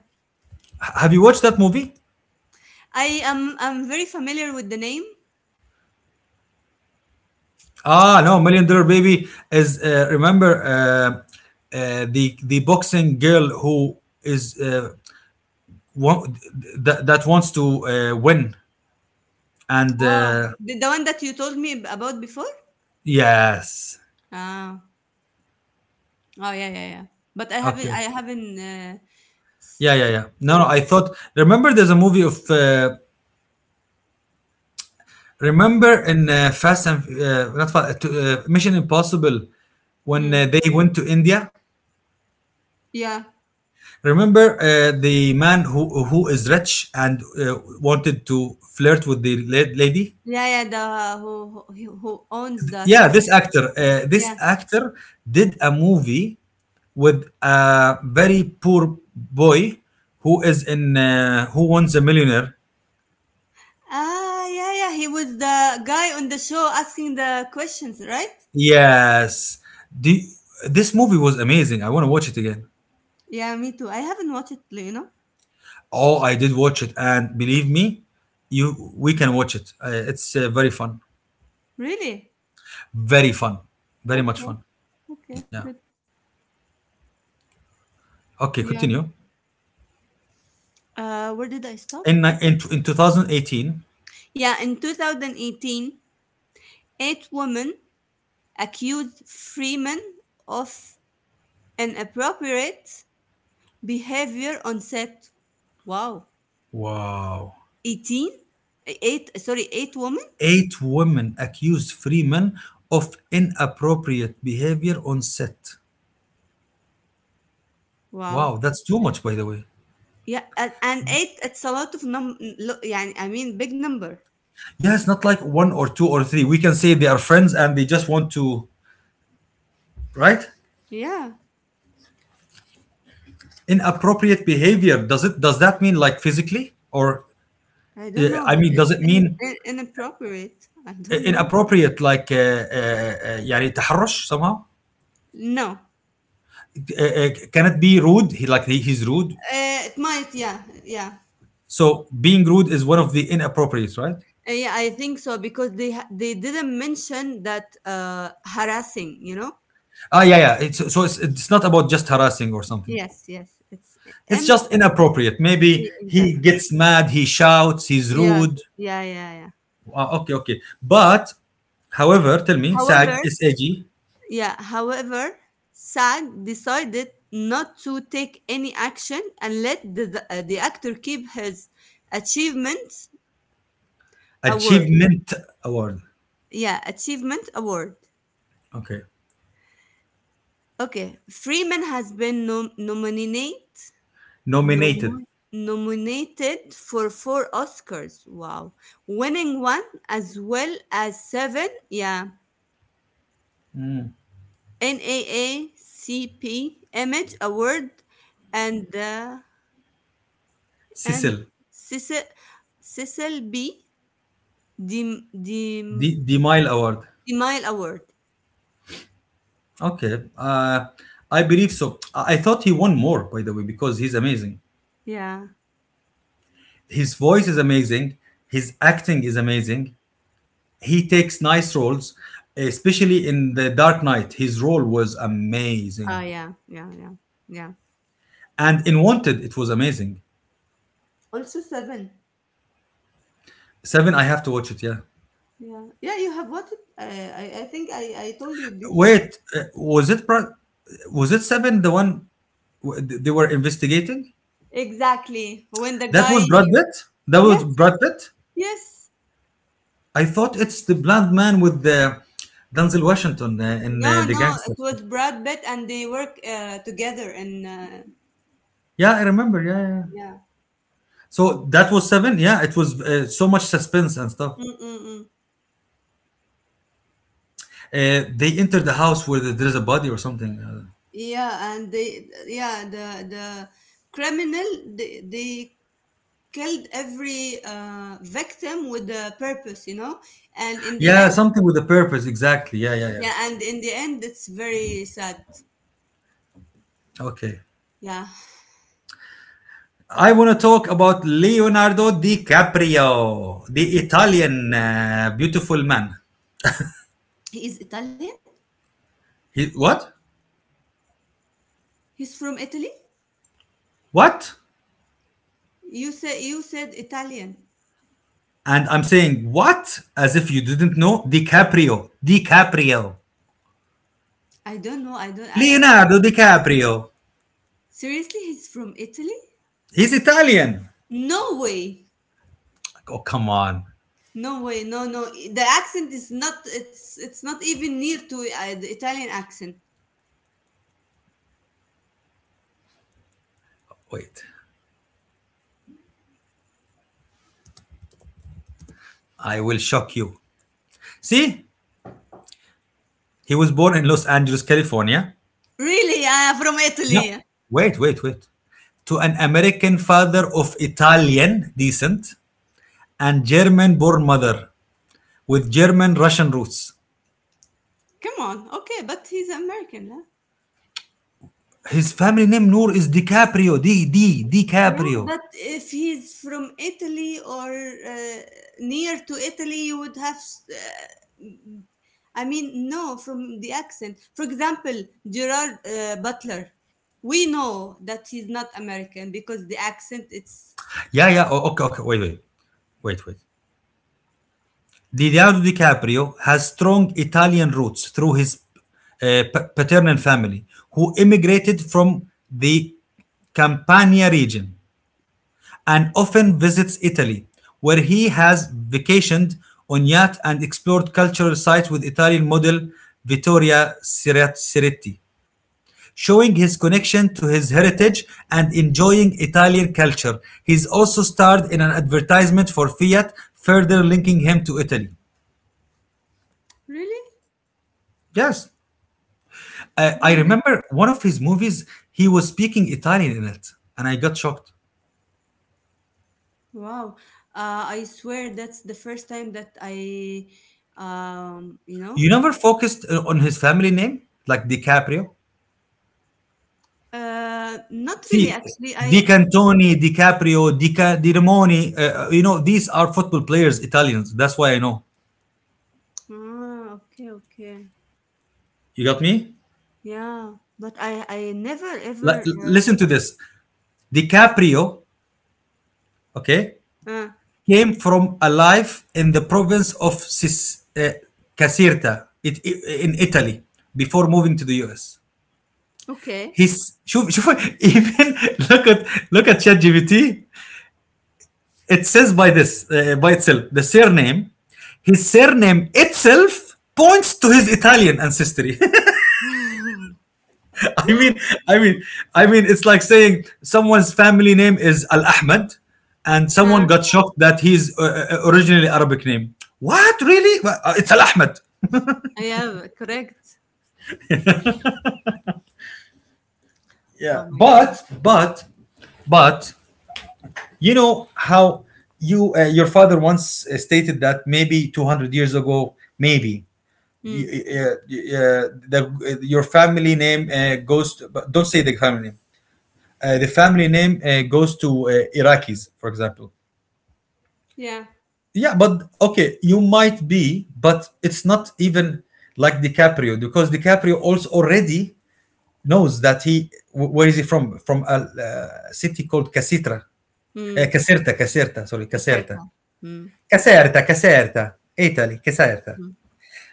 Speaker 1: Have you watched that movie?
Speaker 2: I am. I'm very familiar with the name.
Speaker 1: Ah, no, Million Dollar Baby is remember the boxing girl who is want, that wants to win and
Speaker 2: Oh, the one that you told me about before.
Speaker 1: yes,
Speaker 2: Ah, oh yeah, yeah, yeah. But I haven't.
Speaker 1: okay,
Speaker 2: I
Speaker 1: okay,
Speaker 2: haven't
Speaker 1: yeah, yeah,
Speaker 2: s-
Speaker 1: yeah. No,
Speaker 2: seen
Speaker 1: no,
Speaker 2: it
Speaker 1: I
Speaker 2: yet.
Speaker 1: thought remember there's a movie of remember in Fast and not Fast, Mission Impossible when
Speaker 2: Mm,
Speaker 1: they went to India.
Speaker 2: yeah,
Speaker 1: Remember the man who is rich and wanted to flirt with the lady?
Speaker 2: yeah, yeah. The who owns the
Speaker 1: Yeah,
Speaker 2: castle.
Speaker 1: this actor. This
Speaker 2: Yeah.
Speaker 1: actor did a movie with a very poor boy who is in Who Wants a Millionaire.
Speaker 2: Ah, yeah, yeah. He was the guy on the show asking the questions, right?
Speaker 1: Yes, the, this movie was amazing. I want to watch it again.
Speaker 2: Yeah, me too. I haven't watched it, you know.
Speaker 1: Oh, I did watch it, and believe me, you we can watch it. It's very fun,
Speaker 2: Really?
Speaker 1: very fun, very much
Speaker 2: Okay.
Speaker 1: fun.
Speaker 2: Okay.
Speaker 1: Yeah.
Speaker 2: Good.
Speaker 1: Okay, continue.
Speaker 2: Yeah. Where did I stop?
Speaker 1: In 2018.
Speaker 2: Yeah, in 2018, eight women accused Freeman of inappropriate behavior on set. Wow.
Speaker 1: Wow.
Speaker 2: 18? Eight, sorry, eight women?
Speaker 1: Eight women accused Freeman of inappropriate behavior on set.
Speaker 2: Wow.
Speaker 1: Wow, that's too much, by the way.
Speaker 2: Yeah, and eight, it's a lot of yeah, I mean, big number.
Speaker 1: Yeah, it's not like one or two or three. We can say they are friends and they just want to, right?
Speaker 2: Yeah,
Speaker 1: Inappropriate behavior. Does it? Does that mean like physically, or
Speaker 2: I don't know,
Speaker 1: I
Speaker 2: but
Speaker 1: mean, does
Speaker 2: it's
Speaker 1: it mean
Speaker 2: inappropriate. I don't know.
Speaker 1: inappropriate like يعني تحرش somehow?
Speaker 2: No,
Speaker 1: Can it be rude? He's rude.
Speaker 2: it might, yeah, yeah.
Speaker 1: So being rude is one of the inappropriate, right?
Speaker 2: Yeah, I think so, because they didn't mention that harassing. You know.
Speaker 1: Ah, yeah, yeah. So it's not about just harassing or something.
Speaker 2: Yes, yes, it's
Speaker 1: It's
Speaker 2: M.
Speaker 1: just inappropriate.
Speaker 2: Yeah,
Speaker 1: Maybe he
Speaker 2: exactly.
Speaker 1: gets mad, he shouts, he's
Speaker 2: Yeah,
Speaker 1: rude.
Speaker 2: yeah.
Speaker 1: Ah, okay, okay. But, however, tell me,
Speaker 2: However,
Speaker 1: SAG, S-A-G,
Speaker 2: yeah. However, SAG decided not to take any action and let the actor keep his achievement award.
Speaker 1: Achievement Award.
Speaker 2: Yeah, achievement award.
Speaker 1: Okay.
Speaker 2: Okay, Freeman has been nominated
Speaker 1: Nominated.
Speaker 2: Nomi- nominated for 4 Oscars. Wow. Winning one as well as seven, yeah, NAACP Image Award and and
Speaker 1: Cecil,
Speaker 2: Cecil, Cecil B. Dem, Dem,
Speaker 1: the Mile Award.
Speaker 2: Demille Award.
Speaker 1: Okay. I believe so. I thought he won more, by the way, because he's amazing.
Speaker 2: Yeah.
Speaker 1: His voice is amazing. His acting is amazing. He takes nice roles, especially in The Dark Knight. His role was
Speaker 2: Ah,
Speaker 1: amazing.
Speaker 2: yeah, yeah, yeah, yeah.
Speaker 1: And in Wanted, it was amazing.
Speaker 2: Also seven.
Speaker 1: Seven, I have to watch it, yeah.
Speaker 2: Yeah. Yeah, you have watched it. I think I told you before.
Speaker 1: Wait, was it Seven the one they were investigating?
Speaker 2: Exactly. When the
Speaker 1: That
Speaker 2: guy,
Speaker 1: was
Speaker 2: yes,
Speaker 1: Brad Pitt? That was Brad
Speaker 2: yes,
Speaker 1: Pitt?
Speaker 2: yes.
Speaker 1: I thought it's the blind man with the Denzel Washington in
Speaker 2: No,
Speaker 1: the
Speaker 2: no, it
Speaker 1: gangster thing.
Speaker 2: was Brad Pitt, and they work together and
Speaker 1: Yeah, I remember. Yeah, yeah.
Speaker 2: yeah.
Speaker 1: So that was seven. Yeah, it was so much suspense and stuff.
Speaker 2: Mm-mm-mm.
Speaker 1: They enter the house where there is a body or something.
Speaker 2: Yeah, and they yeah, the criminal, they killed every victim with a purpose, you know? And in the
Speaker 1: Yeah,
Speaker 2: end,
Speaker 1: something with a purpose. Exactly. Yeah, yeah, yeah.
Speaker 2: yeah, and in the end it's very sad.
Speaker 1: Okay.
Speaker 2: Yeah.
Speaker 1: I want to talk about Leonardo DiCaprio, the
Speaker 2: Mm.
Speaker 1: Italian beautiful man.
Speaker 2: He is Italian?
Speaker 1: He, what?
Speaker 2: He's from Italy?
Speaker 1: What?
Speaker 2: You said Italian.
Speaker 1: And I'm saying what as if you didn't know DiCaprio. DiCaprio.
Speaker 2: I don't know. I don't I
Speaker 1: Leonardo DiCaprio.
Speaker 2: Seriously, he's from Italy?
Speaker 1: He's Italian.
Speaker 2: No way.
Speaker 1: Oh, come on.
Speaker 2: No way, no, no. The accent is not. It's not even near to the Italian accent.
Speaker 1: Wait. I will shock you. See? He was born in Los Angeles, California.
Speaker 2: Really, from
Speaker 1: No.
Speaker 2: Italy.
Speaker 1: Wait, wait, wait. To an American father of Italian descent and German born mother with German Russian roots.
Speaker 2: Come on, okay, but he's American, huh?
Speaker 1: His family name, Noor, is DiCaprio. D D
Speaker 2: Yeah,
Speaker 1: DiCaprio.
Speaker 2: but if he's from Italy or near to Italy, you would have. I mean, no, from the accent. For example, Gerard Butler. We know that he's not American because the accent. It's
Speaker 1: Yeah, yeah. Oh, okay, okay. Wait, wait, wait, wait. Leonardo DiCaprio has strong Italian roots through his paternal family, who immigrated from the Campania region and often visits Italy, where he has vacationed on yacht and explored cultural sites with Italian model Vittoria Siretti. Showing his connection to his heritage and enjoying Italian culture, he's also starred in an advertisement for Fiat, further linking him to Italy.
Speaker 2: really.
Speaker 1: Yes, I remember one of his movies, he was speaking Italian in it, and I got shocked.
Speaker 2: Wow. I swear that's the first time that I, um, you know,
Speaker 1: You never focused on his family name, like DiCaprio?
Speaker 2: not really,
Speaker 1: See,
Speaker 2: actually.
Speaker 1: Di Cantoni, DiCaprio, Di Ramoni, you know, these are football players, Italians. That's why I know.
Speaker 2: Ah, okay, okay.
Speaker 1: You got me?
Speaker 2: Yeah. But I never
Speaker 1: Listen
Speaker 2: ever,
Speaker 1: to this. DiCaprio, okay,
Speaker 2: uh, uh,
Speaker 1: came from a life in the province of Caserta, in Italy before moving to the US.
Speaker 2: okay.
Speaker 1: He's, شوف, شوف, even look at ChatGPT. It says by this by itself the surname, his surname itself points to his Italian ancestry. i mean i mean I mean, it's like saying someone's family name is al Ahmed, and someone
Speaker 2: Uh,
Speaker 1: got shocked that he's originally Arabic name. What really? Well, it's al Ahmed.
Speaker 2: yeah, correct.
Speaker 1: Yeah.
Speaker 2: Oh my God.
Speaker 1: But you know how your father once stated that maybe 200 years ago maybe y-
Speaker 2: Mm.
Speaker 1: y- yeah, your family name goes to, but don't say the family name. The family name goes to Iraqis, for example.
Speaker 2: Yeah.
Speaker 1: Yeah, but okay, you might be, but it's not even like DiCaprio because DiCaprio also already knows that where is he from? From a city called Casitra,
Speaker 2: Mm.
Speaker 1: Caserta, Caserta. Sorry, Caserta,
Speaker 2: Caserta. Mm.
Speaker 1: Caserta, Caserta, Italy, Caserta.
Speaker 2: Mm.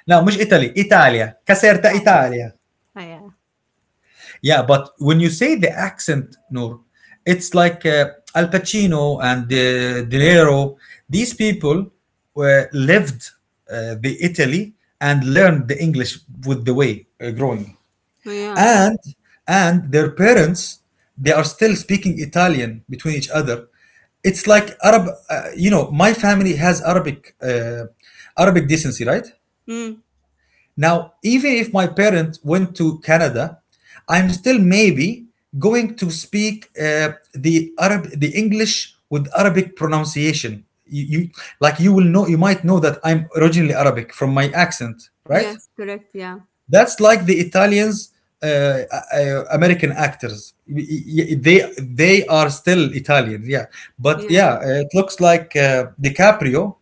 Speaker 1: No, مش Italy, Italia, Caserta,
Speaker 2: Italia.
Speaker 1: Italia.
Speaker 2: Ah, yeah.
Speaker 1: Yeah, but when you say the accent, Noor, it's like Al Pacino and De Niro. These people were, lived the Italy and learned the English with the way growing,
Speaker 2: Oh, yeah.
Speaker 1: and and their parents they are still speaking Italian between each other. It's like Arab. You know, my family has Arabic Arabic decency, right?
Speaker 2: Mm.
Speaker 1: Now, even if my parent went to Canada, I'm still maybe going to speak the English with Arabic pronunciation. You like you might know that I'm originally Arabic from my accent, right?
Speaker 2: Yes, correct. Yeah.
Speaker 1: That's like the Italians, uh, American actors. They are still Italian, yeah. But yeah,
Speaker 2: Yeah.
Speaker 1: it looks like DiCaprio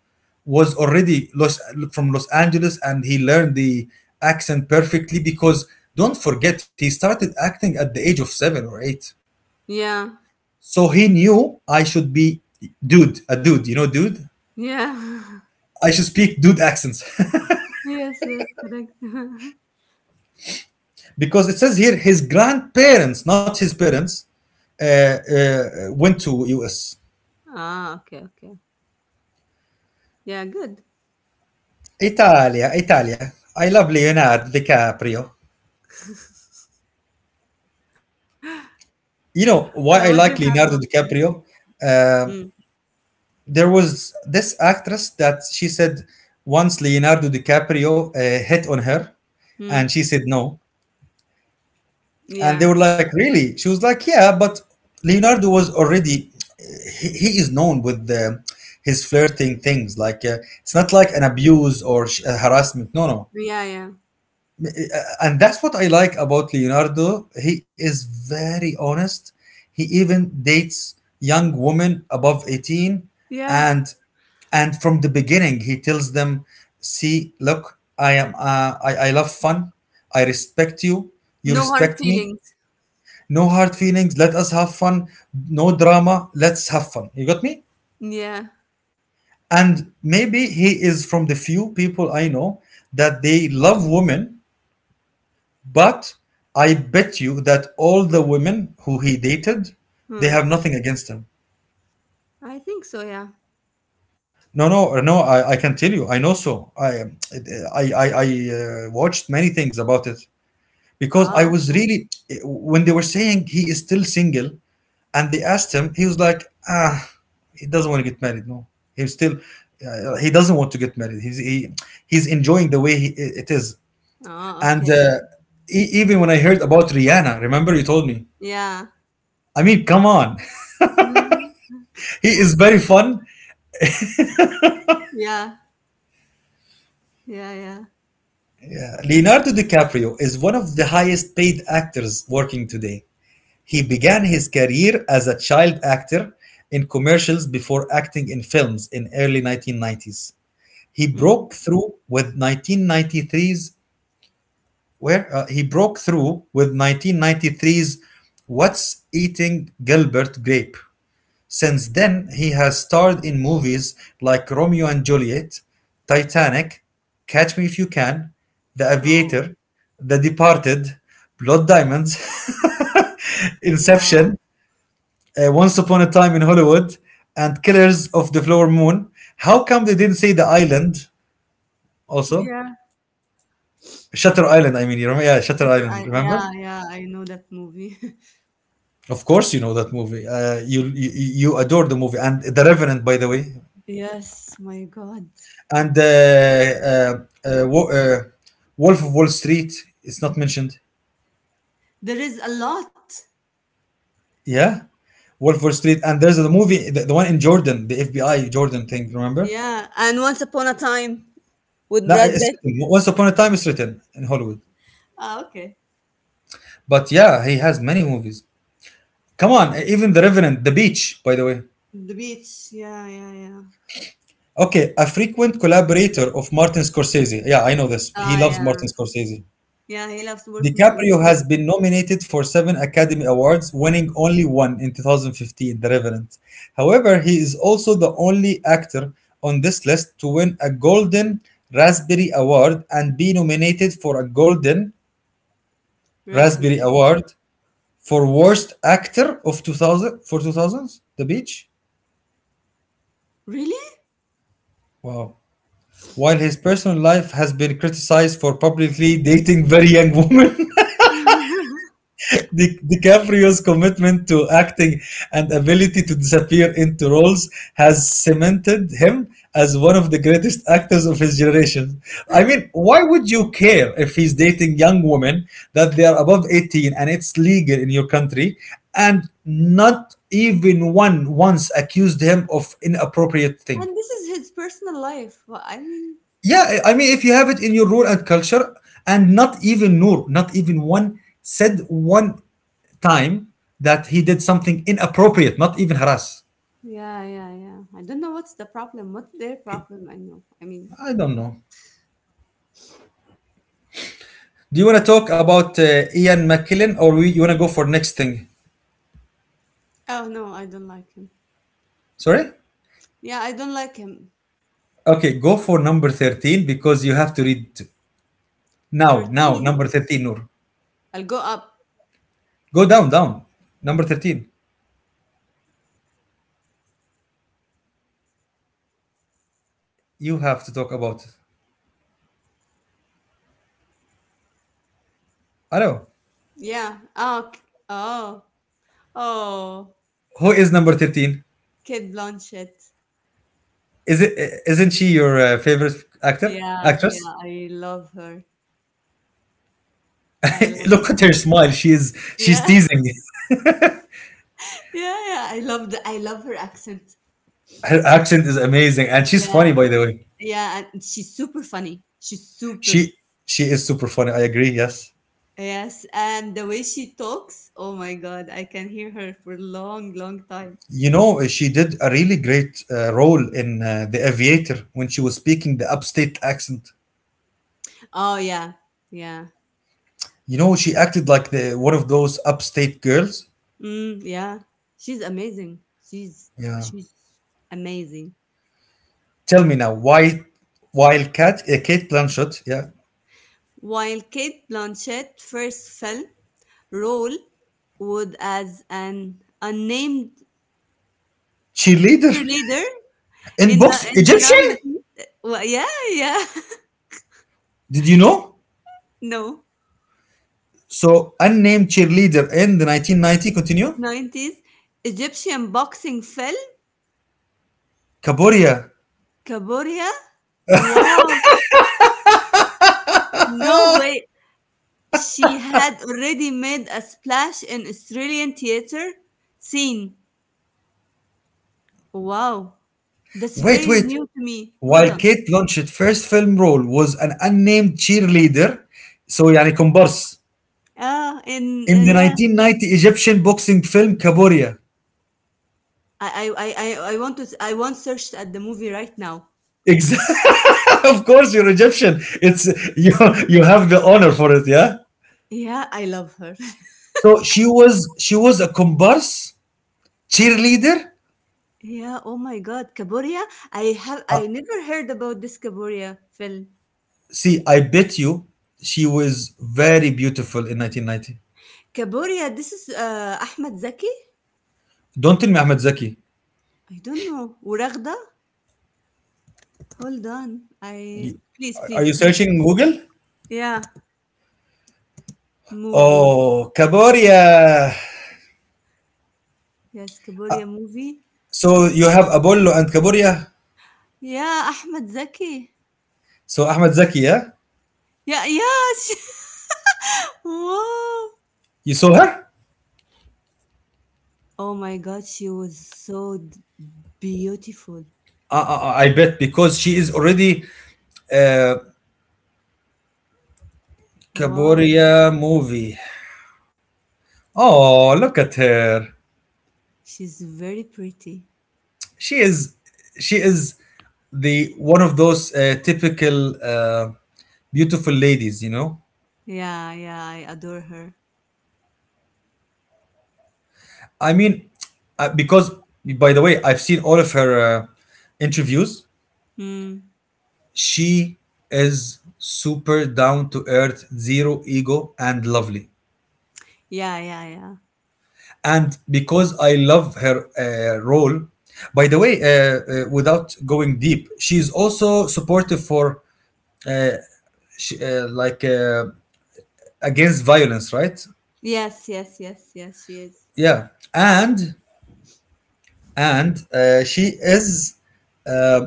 Speaker 1: was already from Los Angeles, and he learned the accent perfectly because don't forget he started acting at the age of 7 or 8.
Speaker 2: Yeah.
Speaker 1: So he knew I should be a dude, dude.
Speaker 2: Yeah.
Speaker 1: I should speak dude accents.
Speaker 2: Yes, yes, correct.
Speaker 1: Because it says here his grandparents, not his parents, uh, uh, went to US.
Speaker 2: Ah, okay, okay. Yeah, good.
Speaker 1: Italia, Italia. I love Leonardo DiCaprio. You
Speaker 2: Yeah,
Speaker 1: know
Speaker 2: what do you
Speaker 1: why I
Speaker 2: have
Speaker 1: like
Speaker 2: about
Speaker 1: Leonardo
Speaker 2: it?
Speaker 1: DiCaprio?
Speaker 2: Mm,
Speaker 1: Uh, there was this actress that she said once Leonardo DiCaprio hit on her, and
Speaker 2: mm,
Speaker 1: she said no. And they
Speaker 2: yeah,
Speaker 1: were like, really? She was like, yeah, but Leonardo was already, he is known with his flirting things. Like, it's not like an abuse or harassment. No, no.
Speaker 2: yeah, yeah,
Speaker 1: Uh, And that's what I like about Leonardo. He is very honest. He even dates young women above 18,
Speaker 2: yeah.
Speaker 1: and and from the beginning he tells them, see, look, I am, I love fun. I respect you. You
Speaker 2: No hard
Speaker 1: respect me.
Speaker 2: feelings.
Speaker 1: No hard feelings, let us have fun, no drama, let's have fun, you got me?
Speaker 2: Yeah,
Speaker 1: And maybe he is from the few people I know that they love women, but I bet you that all the women who he dated, they
Speaker 2: mm,
Speaker 1: have nothing against him.
Speaker 2: I think so. Yeah.
Speaker 1: No, no, no, I can tell you. I know, so I watched many things about it, because
Speaker 2: Ah,
Speaker 1: I was
Speaker 2: okay.
Speaker 1: really. When they were saying he is still single, and they asked him, he was like, ah, he doesn't want to get married. No, he's still, he doesn't want to get married. He's enjoying the way it is.
Speaker 2: Ah,
Speaker 1: And
Speaker 2: okay.
Speaker 1: even when I heard about Rihanna, remember you told me.
Speaker 2: Yeah.
Speaker 1: I mean, come on,
Speaker 2: Mhm.
Speaker 1: he is very fun.
Speaker 2: Yeah, yeah, yeah.
Speaker 1: Leonardo DiCaprio is one of the highest paid actors working today. He began his career as a child actor in commercials before acting in films in early 1990s. He
Speaker 2: Mm.
Speaker 1: broke through with 1993's What's Eating Gilbert Grape. Since then, he has starred in movies like Romeo and Juliet, Titanic, Catch Me If You Can, The
Speaker 2: Oh,
Speaker 1: Aviator, The Departed, Blood Diamonds,
Speaker 2: wow.
Speaker 1: Inception, Once Upon a Time in Hollywood, and Killers of the Flower Moon. How come they didn't say the island also?
Speaker 2: Yeah.
Speaker 1: Shutter Island, I mean, you remember? Yeah,
Speaker 2: Shutter.
Speaker 1: Shutter Island,
Speaker 2: Yeah,
Speaker 1: remember?
Speaker 2: yeah. I know that movie.
Speaker 1: Of course, you know that movie. You adore the movie and The Revenant, by the way,
Speaker 2: Yes, my God.
Speaker 1: and uh, uh, Wo- uh, Wolf of Wall Street. It's not mentioned.
Speaker 2: There is a lot.
Speaker 1: Yeah, Wolf of Wall Street, and there's the movie, the one in Jordan, the FBI Jordan thing. Remember?
Speaker 2: Yeah, and Once Upon a Time with
Speaker 1: No,
Speaker 2: Brad
Speaker 1: it's
Speaker 2: Pitt.
Speaker 1: written. Once Upon a Time is written in Hollywood.
Speaker 2: Ah, okay.
Speaker 1: But yeah, he has many movies. Come on, even The Revenant, The Beach, by the way.
Speaker 2: The beach. Yeah, yeah, yeah.
Speaker 1: Okay, a frequent collaborator of Martin Scorsese. Yeah, I know this. He
Speaker 2: Ah,
Speaker 1: loves
Speaker 2: yeah.
Speaker 1: Martin Scorsese.
Speaker 2: Yeah, he loves working with
Speaker 1: DiCaprio
Speaker 2: him.
Speaker 1: has been nominated for seven Academy Awards, winning only one in 2015, The Revenant. However, he is also the only actor on this list to win a Golden Raspberry Award and be nominated for a Golden Raspberry
Speaker 2: Raspberry.
Speaker 1: Award for Worst Actor of 2000, for 2000s, The Beach.
Speaker 2: Really?
Speaker 1: Wow. While his personal life has been criticized for publicly dating very young women, DiCaprio's commitment to acting and ability to disappear into roles has cemented him as one of the greatest actors of his generation. I mean, why would you care if he's dating young women that they are above 18 and it's legal in your country and not even one once accused him of inappropriate thing?
Speaker 2: And this is his personal life. Well, I mean,
Speaker 1: Yeah, I mean, if you have it in your rule and culture, and not even Noor, not even one said one time that he did something inappropriate, not even harass.
Speaker 2: yeah, yeah, yeah. I don't know what's the problem. What's their problem? I know. I mean,
Speaker 1: I don't know. Do you want to talk about Ian McKellen or you want to go for next thing?
Speaker 2: oh no, I don't like him.
Speaker 1: Sorry?
Speaker 2: Yeah, I don't like him.
Speaker 1: Okay, go for number 13 because you have to read now, now,
Speaker 2: 13?
Speaker 1: number 13, Noor.
Speaker 2: I'll go up.
Speaker 1: Go down, down. Number 13. You have to talk about. I know.
Speaker 2: Yeah. Oh, oh, oh.
Speaker 1: Who is number 13?
Speaker 2: Kate Blanchett.
Speaker 1: Is it Isn't she your favorite actor
Speaker 2: Yeah, yeah.
Speaker 1: actress?
Speaker 2: I love her. I love
Speaker 1: Look at
Speaker 2: her.
Speaker 1: her smile. She's
Speaker 2: Yeah.
Speaker 1: teasing.
Speaker 2: Yeah, yeah, I love her accent.
Speaker 1: Her accent is amazing, and she's
Speaker 2: Yeah,
Speaker 1: funny by the way.
Speaker 2: yeah, and she's super funny. She's super.
Speaker 1: She she is super funny. I agree. Yes,
Speaker 2: Yes, and the way she talks, oh my God, I can hear her for a long, long time.
Speaker 1: you know she did a really great role in The Aviator when she was speaking the upstate accent.
Speaker 2: Oh yeah, yeah,
Speaker 1: You know she acted like the one of those upstate girls.
Speaker 2: mm, yeah. She's amazing. She's
Speaker 1: Yeah.
Speaker 2: she's amazing.
Speaker 1: Tell me now why while Cat Kate Blanchett, yeah,
Speaker 2: While Kate Blanchett first fell, role would as an unnamed
Speaker 1: cheerleader
Speaker 2: cheerleader
Speaker 1: in
Speaker 2: in the,
Speaker 1: box
Speaker 2: in the
Speaker 1: Egyptian.
Speaker 2: 90s. Well, yeah, yeah.
Speaker 1: Did you know?
Speaker 2: No.
Speaker 1: So, unnamed cheerleader in the 1990 continue.
Speaker 2: 90s Egyptian boxing film
Speaker 1: Kaboria.
Speaker 2: Kaboria. Wow, no way. She had already made a splash in Australian theater scene. Wow, that's
Speaker 1: Wait,
Speaker 2: very
Speaker 1: wait.
Speaker 2: new to me. Hold
Speaker 1: While
Speaker 2: on.
Speaker 1: Kate Blanchett's first film role was an unnamed cheerleader, so يعني comparse
Speaker 2: Ah, in
Speaker 1: in the
Speaker 2: yeah,
Speaker 1: 1990 Egyptian boxing film Kaboria.
Speaker 2: I I I I I want search at the movie right now.
Speaker 1: Exactly. Of course, you're Egyptian. It's you. You have the honor for it, yeah.
Speaker 2: Yeah, I love her.
Speaker 1: So she was a comparse cheerleader.
Speaker 2: Yeah, oh my God, Kaboria.
Speaker 1: Uh,
Speaker 2: I never heard about this Kaboria film.
Speaker 1: see, I bet you she was very beautiful in 1990.
Speaker 2: Kaboria, this is Ahmed Zaki?
Speaker 1: Don't tell me Ahmed Zaki.
Speaker 2: I don't know. Uragda? Hold on. I
Speaker 1: Y-
Speaker 2: Please,
Speaker 1: Are
Speaker 2: please,
Speaker 1: you
Speaker 2: please.
Speaker 1: searching Google?
Speaker 2: Yeah, movie.
Speaker 1: Oh, Kaboria.
Speaker 2: Yes, Kaboria movie.
Speaker 1: So you have Apollo and Kaboria.
Speaker 2: Yeah, Ahmed Zaki.
Speaker 1: So Ahmed Zaki, yeah?
Speaker 2: Yeah, yeah. Wow.
Speaker 1: You saw her?
Speaker 2: Oh my God, she was so beautiful.
Speaker 1: I bet because she is already uh,
Speaker 2: Wow,
Speaker 1: Kaboria movie. Oh, look at her.
Speaker 2: she's very pretty.
Speaker 1: She is she is the one of those typical beautiful ladies.
Speaker 2: Yeah, yeah, I adore her.
Speaker 1: I mean, because by the way, I've seen all of her interviews.
Speaker 2: Mm.
Speaker 1: She is super down to earth, zero ego, and lovely.
Speaker 2: Yeah, yeah, yeah.
Speaker 1: And because I love her role, by the way, without going deep, she's also supportive for like, against violence, right?
Speaker 2: Yes, yes, yes, yes, she is.
Speaker 1: Yeah, and and she is, uh,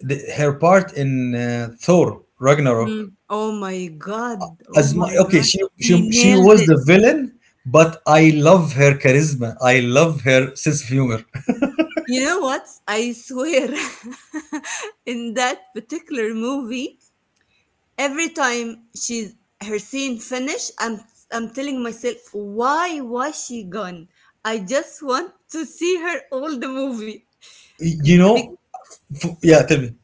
Speaker 1: her part in Thor Ragnarok
Speaker 2: Mm. Oh my God. Oh
Speaker 1: Asma,
Speaker 2: my
Speaker 1: okay,
Speaker 2: God.
Speaker 1: she she
Speaker 2: He
Speaker 1: she
Speaker 2: nailed
Speaker 1: was
Speaker 2: it.
Speaker 1: the villain, but I love her charisma. I love her sense of humor.
Speaker 2: You know what? I swear, in that particular movie, every time she's her scene finish, I'm telling myself, why was she gone? I just want to see her all the movie.
Speaker 1: You
Speaker 2: Be-
Speaker 1: know, yeah, tell me.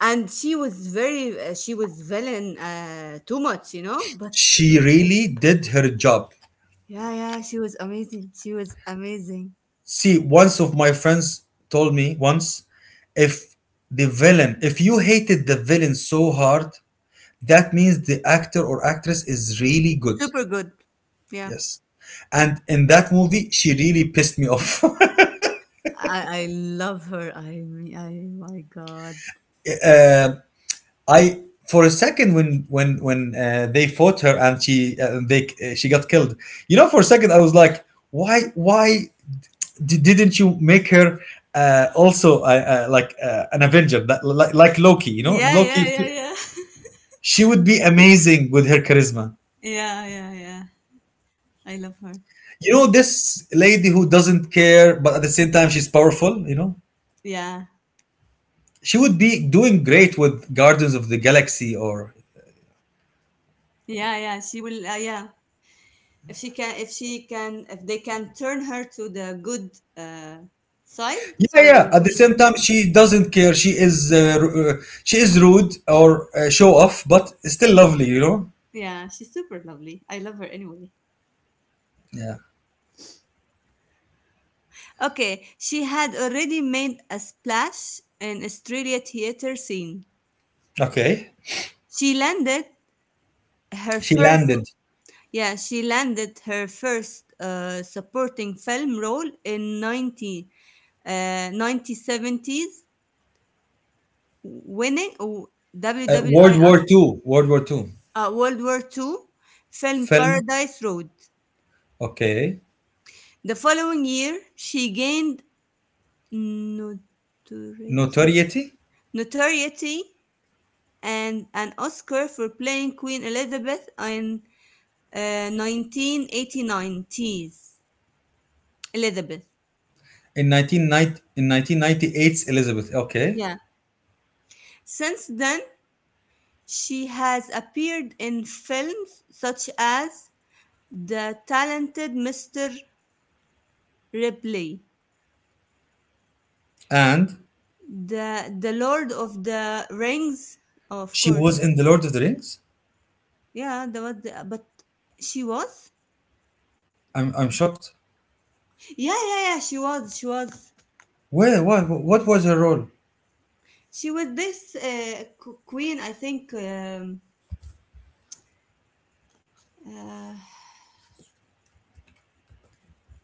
Speaker 2: and she was very, she was villain too much. But
Speaker 1: She really did her job.
Speaker 2: yeah, yeah, she was amazing. She was amazing,
Speaker 1: See, once of my friends told me once, if if you hated the villain so hard, that means the actor or actress is really good.
Speaker 2: super good. Yeah,
Speaker 1: Yes. And in that movie, she really pissed me off.
Speaker 2: I love her. I mean, I my God.
Speaker 1: Um I, for a second when they fought her, and she got killed. For a second I was like, why didn't you make her also, like, an Avenger that, like Loki? You know,
Speaker 2: Yeah,
Speaker 1: Loki.
Speaker 2: yeah, yeah, yeah.
Speaker 1: She would be amazing with her charisma.
Speaker 2: Yeah, yeah, yeah. I love her.
Speaker 1: This lady who doesn't care, but at the same time she's powerful.
Speaker 2: Yeah,
Speaker 1: She would be doing great with Guardians of the Galaxy or.
Speaker 2: yeah, yeah. She will. Yeah, if they can turn her to the good uh, side,
Speaker 1: Yeah,
Speaker 2: she
Speaker 1: yeah.
Speaker 2: will
Speaker 1: At the
Speaker 2: be.
Speaker 1: same time, she doesn't care. She is rude or show off, but still lovely.
Speaker 2: Yeah, she's super lovely. I love her anyway.
Speaker 1: Yeah.
Speaker 2: Okay, she had already made a splash in Australia theater scene.
Speaker 1: Okay.
Speaker 2: She landed her
Speaker 1: She
Speaker 2: first.
Speaker 1: landed.
Speaker 2: Yeah, she landed her first supporting film role in 1970s, winning oh,
Speaker 1: World
Speaker 2: WWII,
Speaker 1: War Two. World War II.
Speaker 2: World War Two, film
Speaker 1: Film.
Speaker 2: Paradise Road.
Speaker 1: Okay.
Speaker 2: The following year, she gained notoriety,
Speaker 1: Notoriety
Speaker 2: notoriety and an Oscar for playing Queen Elizabeth in 1989 tease. Elizabeth.
Speaker 1: in 1998's Elizabeth. Okay.
Speaker 2: Yeah. Since then, she has appeared in films such as The Talented Mr. Ripley,
Speaker 1: And
Speaker 2: the Lord of the Rings, oh, of
Speaker 1: she
Speaker 2: course.
Speaker 1: was in the Lord of the Rings.
Speaker 2: Yeah, that was but she was.
Speaker 1: I'm shocked.
Speaker 2: Yeah, yeah, yeah. She was. She was.
Speaker 1: Where? What? What was her role?
Speaker 2: She was this queen, I think. Uh,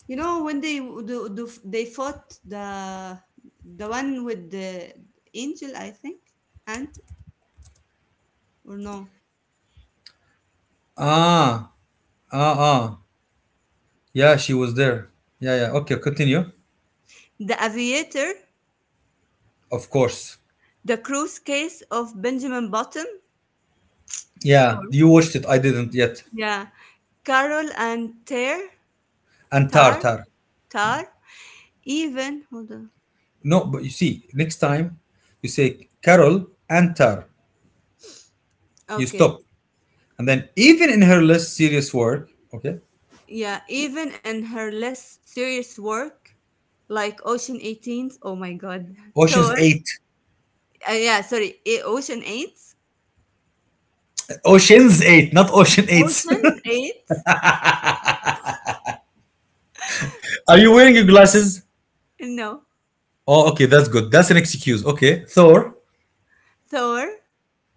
Speaker 2: you know when they they fought the one with the angel, I think, and or no,
Speaker 1: Ah. Ah. Ah. Yeah, she was there. Yeah. Yeah. Okay. Continue.
Speaker 2: the aviator,
Speaker 1: Of course.
Speaker 2: the cruise case of Benjamin Button, of
Speaker 1: Yeah, you
Speaker 2: course.
Speaker 1: watched it. I didn't yet.
Speaker 2: Yeah, Carol and
Speaker 1: And Tar,
Speaker 2: Tar,
Speaker 1: Tar.
Speaker 2: Tar. Even, hold on.
Speaker 1: No, but you see, next time you say Carol and Tar, you
Speaker 2: Okay.
Speaker 1: stop. And then even in her less serious work, okay,
Speaker 2: Yeah, even in her less serious work, like Ocean 18s. Oh my God.
Speaker 1: Ocean's
Speaker 2: So,
Speaker 1: Eight.
Speaker 2: yeah, sorry. Ocean 8s.
Speaker 1: Ocean's Eight, not Ocean Eights.
Speaker 2: Ocean 8.
Speaker 1: Are you wearing your glasses?
Speaker 2: No.
Speaker 1: Oh, okay, that's good. That's an excuse. Okay, Thor,
Speaker 2: Thor,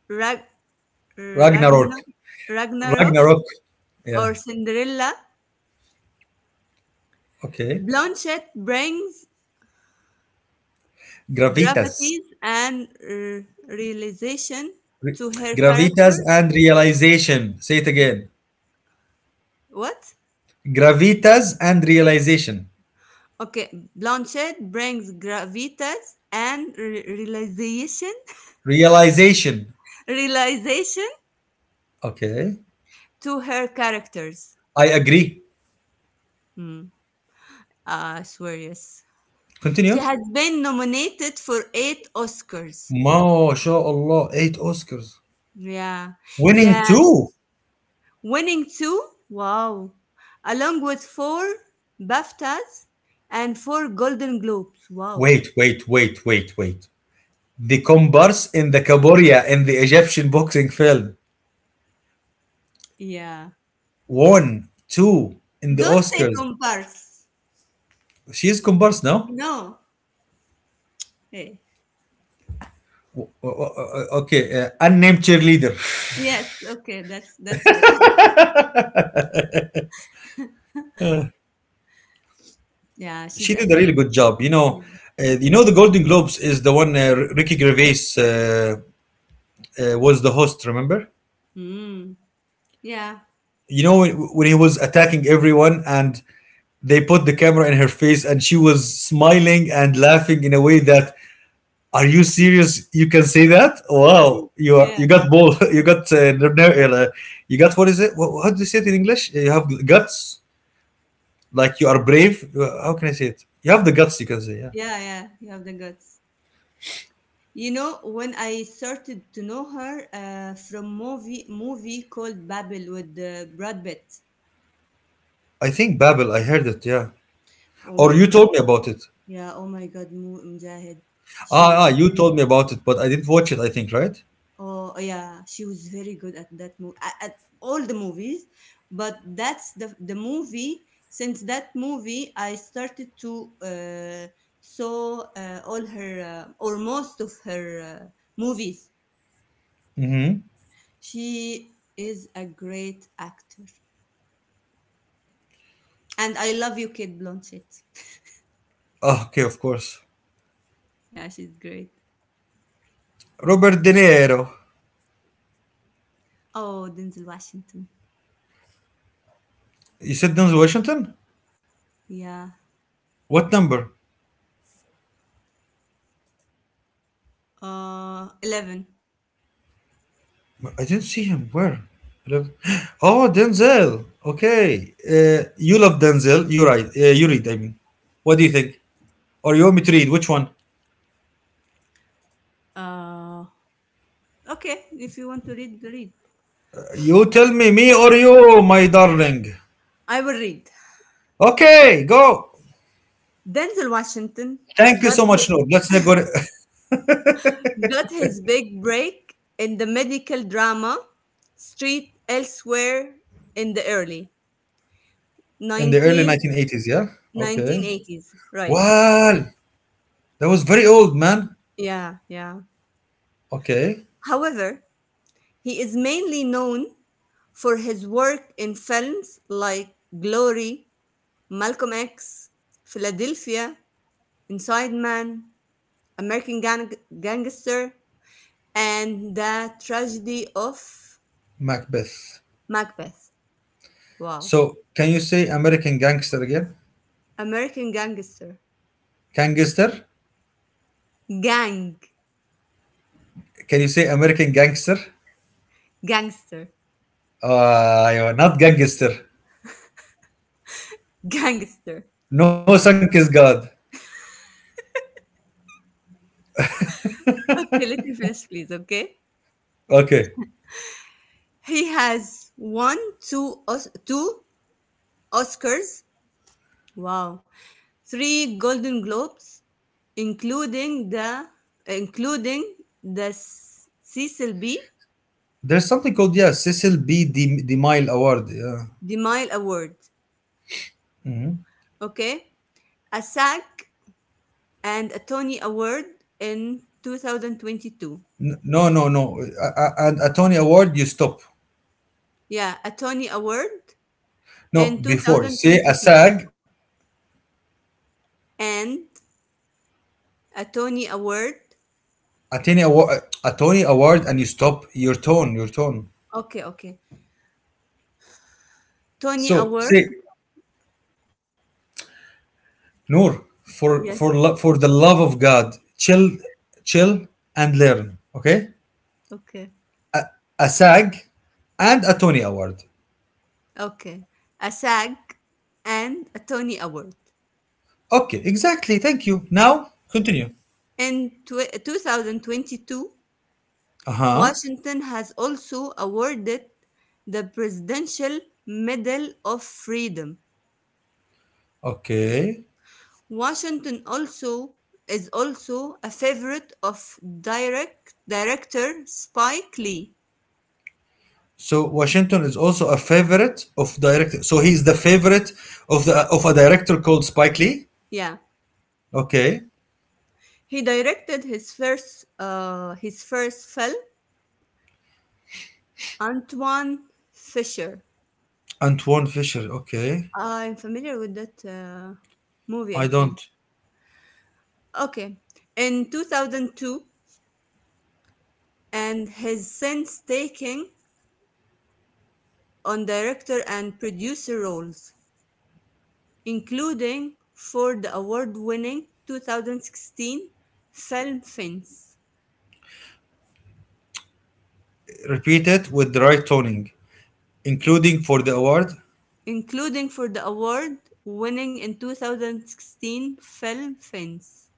Speaker 2: Rag,
Speaker 1: Ragnarok,
Speaker 2: Ragnar, Ragnarok,
Speaker 1: Ragnarok.
Speaker 2: or
Speaker 1: Yeah,
Speaker 2: Cinderella,
Speaker 1: okay.
Speaker 2: Blanchett brings
Speaker 1: Gravitas,
Speaker 2: gravities and realization
Speaker 1: Re-
Speaker 2: to her character.
Speaker 1: gravitas and realization. Say it again.
Speaker 2: What?
Speaker 1: Gravitas and realization.
Speaker 2: Okay, Blanchett brings gravitas and realization
Speaker 1: Realization.
Speaker 2: realization
Speaker 1: Okay.
Speaker 2: to her characters.
Speaker 1: I agree.
Speaker 2: Hmm. Ah, I swear, yes. She
Speaker 1: Continue.
Speaker 2: has been nominated for eight Oscars.
Speaker 1: Ma شاء Allah, Eight Oscars.
Speaker 2: Yeah,
Speaker 1: Winning
Speaker 2: yeah,
Speaker 1: two.
Speaker 2: winning two. Wow, along with four BAFTAs and four Golden Globes. Wow.
Speaker 1: Wait, wait, wait, wait, wait. The comparse in the Kaboria in the Egyptian boxing film
Speaker 2: Yeah.
Speaker 1: won two in the
Speaker 2: Don't say
Speaker 1: Oscars.
Speaker 2: comparse.
Speaker 1: She is comparse now?
Speaker 2: No. Hey.
Speaker 1: Okay, unnamed cheerleader.
Speaker 2: Yes. Okay. That's better. Yeah,
Speaker 1: She did a
Speaker 2: she's
Speaker 1: really good job. You know,
Speaker 2: Yeah.
Speaker 1: uh, you know the Golden Globes is the one Ricky Gervais was the host, remember?
Speaker 2: Mm. Yeah.
Speaker 1: You know when he was attacking everyone and they put the camera in her face, and she was smiling and laughing in a way that, are you serious? You can say that? Wow, you are,
Speaker 2: Yeah.
Speaker 1: you got ball, you got you got, what is it, how do you say it in English, you have guts, like you are brave. How can I say it, you have the guts, you can say. Yeah,
Speaker 2: Yeah. Yeah. You have the guts. You know, when I started to know her from movie called Babel with Brad Pitt.
Speaker 1: I think Babel, I heard it, yeah.
Speaker 2: Oh
Speaker 1: Or
Speaker 2: my
Speaker 1: you told
Speaker 2: God.
Speaker 1: me about it.
Speaker 2: Yeah. Oh my God. Mujahid. She
Speaker 1: ah,
Speaker 2: was.
Speaker 1: ah you told me about it but I didn't watch it, I think, right?
Speaker 2: Oh oh, yeah. She was very good at that movie. At all the movies, but that's the movie. Since that movie, I started to saw all her or most of her movies.
Speaker 1: Mm-hmm.
Speaker 2: She is a great actor. And I love you, Kate Blanchett.
Speaker 1: Ah, okay, of course.
Speaker 2: Yeah, she's great.
Speaker 1: Robert De Niro.
Speaker 2: Oh, Denzel Washington.
Speaker 1: You said Denzel Washington?
Speaker 2: Yeah.
Speaker 1: What number?
Speaker 2: 11.
Speaker 1: I didn't see him. Where? 11. Oh, Denzel. Okay. You love Denzel. You right. You read. I mean, what do you think? Or you want me to read? Which one?
Speaker 2: Uh, okay, if you want to read, read.
Speaker 1: You tell me, me or you, my darling.
Speaker 2: I will read.
Speaker 1: Okay, go.
Speaker 2: Denzel Washington
Speaker 1: Thank you
Speaker 2: got
Speaker 1: so much,
Speaker 2: his,
Speaker 1: Noor. Let's not go to-
Speaker 2: got his big break in the medical drama Street Elsewhere in the early
Speaker 1: in the early
Speaker 2: nineteen
Speaker 1: 1980s. Yeah. Okay.
Speaker 2: 1980s. Right.
Speaker 1: Wow, that was very old, man.
Speaker 2: Yeah, yeah.
Speaker 1: Okay,
Speaker 2: However, he is mainly known for his work in films like Glory, Malcolm X, Philadelphia, Inside Man, American Gangster, and The Tragedy of
Speaker 1: Macbeth.
Speaker 2: Macbeth. Wow.
Speaker 1: So, can you say American Gangster again?
Speaker 2: American Gangster.
Speaker 1: Gangster?
Speaker 2: Gang.
Speaker 1: Can you say American Gangster?
Speaker 2: Gangster.
Speaker 1: ايوه, not gangster.
Speaker 2: Gangster.
Speaker 1: No Sunk is God.
Speaker 2: Okay, let me finish, please, okay?
Speaker 1: Okay.
Speaker 2: He has won two Oscars. Wow. Three Golden Globes, including the including the Cecil B.
Speaker 1: There's something called, yeah, Cecil B. DeMille Award. Yeah.
Speaker 2: DeMille Award. Okay, a SAG and a Tony Award in 2022.
Speaker 1: No, no, no. And a Tony Award, you stop.
Speaker 2: Yeah, a Tony Award
Speaker 1: No,
Speaker 2: in
Speaker 1: before say a
Speaker 2: 2022
Speaker 1: SAG,
Speaker 2: and a Tony Award.
Speaker 1: a Tony Award, and you stop your tone, your tone.
Speaker 2: Okay, okay. Tony
Speaker 1: So
Speaker 2: Award.
Speaker 1: say, Noor,
Speaker 2: Yes.
Speaker 1: for the love of God, chill, chill and learn. Okay,
Speaker 2: Okay.
Speaker 1: a SAG and a Tony Award.
Speaker 2: Okay. A SAG and a Tony Award.
Speaker 1: Okay, exactly. Thank you. Now continue.
Speaker 2: In 2022,
Speaker 1: Uh huh.
Speaker 2: Washington has also awarded the Presidential Medal of Freedom.
Speaker 1: Okay.
Speaker 2: Washington also is also a favorite of director Spike Lee.
Speaker 1: So Washington is also a favorite of director. So he's the favorite of the of a director called Spike Lee.
Speaker 2: Yeah,
Speaker 1: Okay.
Speaker 2: he directed his first film Antoine Fisher.
Speaker 1: Antoine Fisher. Okay.
Speaker 2: I'm familiar with that movie,
Speaker 1: I
Speaker 2: I think.
Speaker 1: don't.
Speaker 2: Okay. In 2002, and has since taken on director and producer roles, including for the award-winning 2016 film Fence,
Speaker 1: Repeat it with the right toning, including for the award.
Speaker 2: including for the award-winning in 2016 film Fence.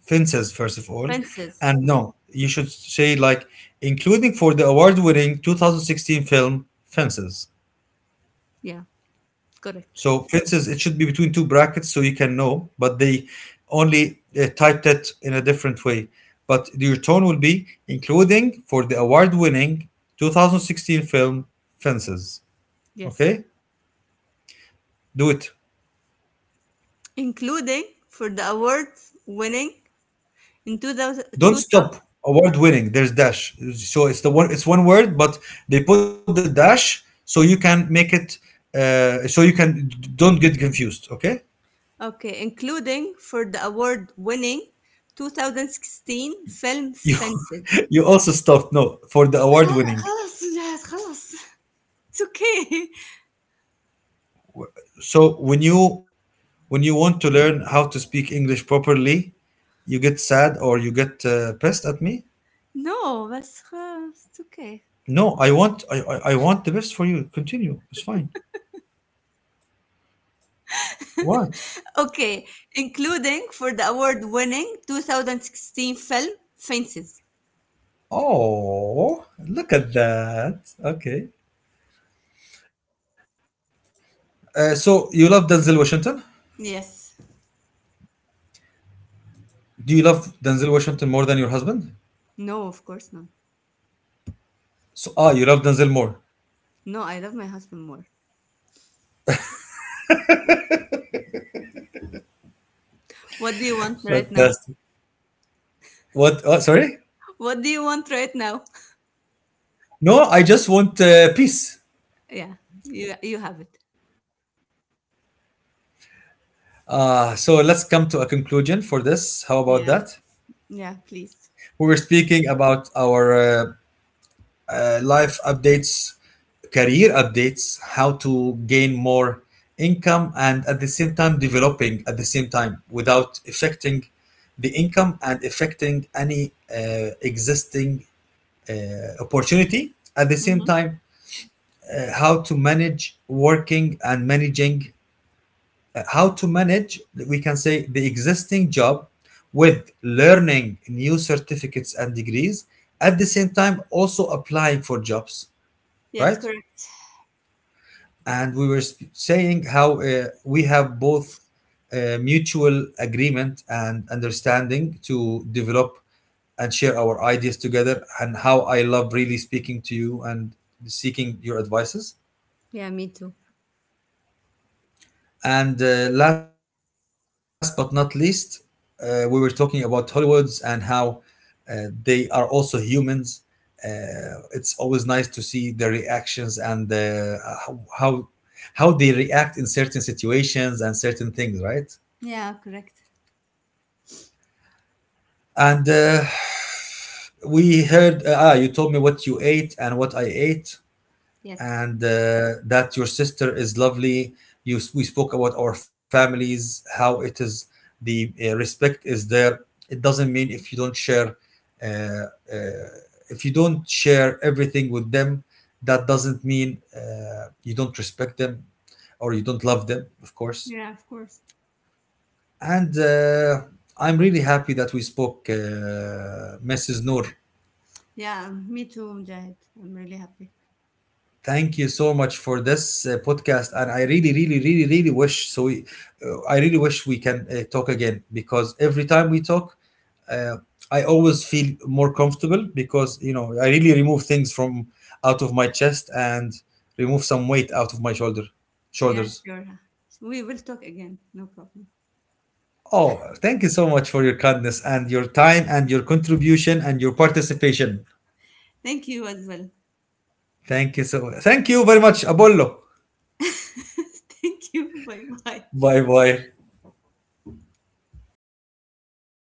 Speaker 1: Fences, first of all,
Speaker 2: Fences.
Speaker 1: and
Speaker 2: Yeah,
Speaker 1: no, you should say like, including for the award-winning 2016 film Fences.
Speaker 2: yeah, correct.
Speaker 1: So Fences, it should be between two brackets so you can know, but they only typed it in a different way. But your tone will be, including for the award winning 2016 film Fences.
Speaker 2: Yes.
Speaker 1: Okay? Do it.
Speaker 2: Including for the award winning in 2000,
Speaker 1: Don't stop. Award winning. There's dash. So it's the one, it's one word, but they put the dash so you can make it so you can don't get confused, okay?
Speaker 2: okay, including for the award-winning 2016 film
Speaker 1: You
Speaker 2: Fences.
Speaker 1: you also stopped, no, for the award
Speaker 2: خلاص
Speaker 1: winning
Speaker 2: خلاص جهاد خلاص It's okay.
Speaker 1: so when you want to learn how to speak English properly, you get sad or you get pissed at me.
Speaker 2: No, بس خلاص, it's okay.
Speaker 1: No, I want, I want the best for you. Continue. It's fine. What?
Speaker 2: Okay, including for the award-winning 2016 film Fences.
Speaker 1: Oh, look at that. Okay. So you love Denzel Washington?
Speaker 2: Yes.
Speaker 1: Do you love Denzel Washington more than your husband?
Speaker 2: No, of course not.
Speaker 1: So, ah, you love Denzel more.
Speaker 2: No, I love my husband more. What do you want right now?
Speaker 1: Fantastic. What? Oh, sorry.
Speaker 2: What do you want right now?
Speaker 1: No, I just want peace.
Speaker 2: Yeah, you have it.
Speaker 1: So let's come to a conclusion for this. How about that?
Speaker 2: Yeah. Yeah,
Speaker 1: We were
Speaker 2: please.
Speaker 1: speaking about our life updates, career updates, how to gain more income, and at the same time developing, at the same time without affecting the income and affecting any existing opportunity. At the same
Speaker 2: Mm-hmm.
Speaker 1: time, how to manage working and managing, how to manage, we can say, the existing job with learning new certificates and degrees, at the same time also applying for jobs,
Speaker 2: Yes,
Speaker 1: right?
Speaker 2: correct.
Speaker 1: And we were saying how we have both mutual agreement and understanding to develop and share our ideas together, and how I love really speaking to you and seeking your advices.
Speaker 2: Yeah, me too.
Speaker 1: And last but not least, we were talking about Hollywoods and how they are also humans. It's always nice to see their reactions and how how- how they react in certain situations and certain things, right?
Speaker 2: Yeah, correct.
Speaker 1: And we heard. You told me what you ate and what I ate.
Speaker 2: Yes.
Speaker 1: And that your sister is lovely. You, we spoke about our families, how it is the respect is there. It doesn't mean if you don't share, uh, uh, if you don't share everything with them, that doesn't mean you don't respect them or you don't love them, of course.
Speaker 2: Yeah, of course.
Speaker 1: And I'm really happy that we spoke, Mrs. Noor.
Speaker 2: Yeah, me too, Mujahid. I'm really happy.
Speaker 1: Thank you so much for this podcast, and I really, really, really, really wish so. We, I really wish we can talk again, because every time we talk, uh, I always feel more comfortable, because you know I really remove things from out of my chest and remove some weight out of my
Speaker 2: Yeah,
Speaker 1: shoulders.
Speaker 2: sure. We will talk again. No problem.
Speaker 1: Oh, thank you so much for your kindness and your time and your contribution and your participation.
Speaker 2: Thank you as well.
Speaker 1: Thank you so. Thank you very much, Apollo.
Speaker 2: Thank you. Bye bye.
Speaker 1: Bye bye.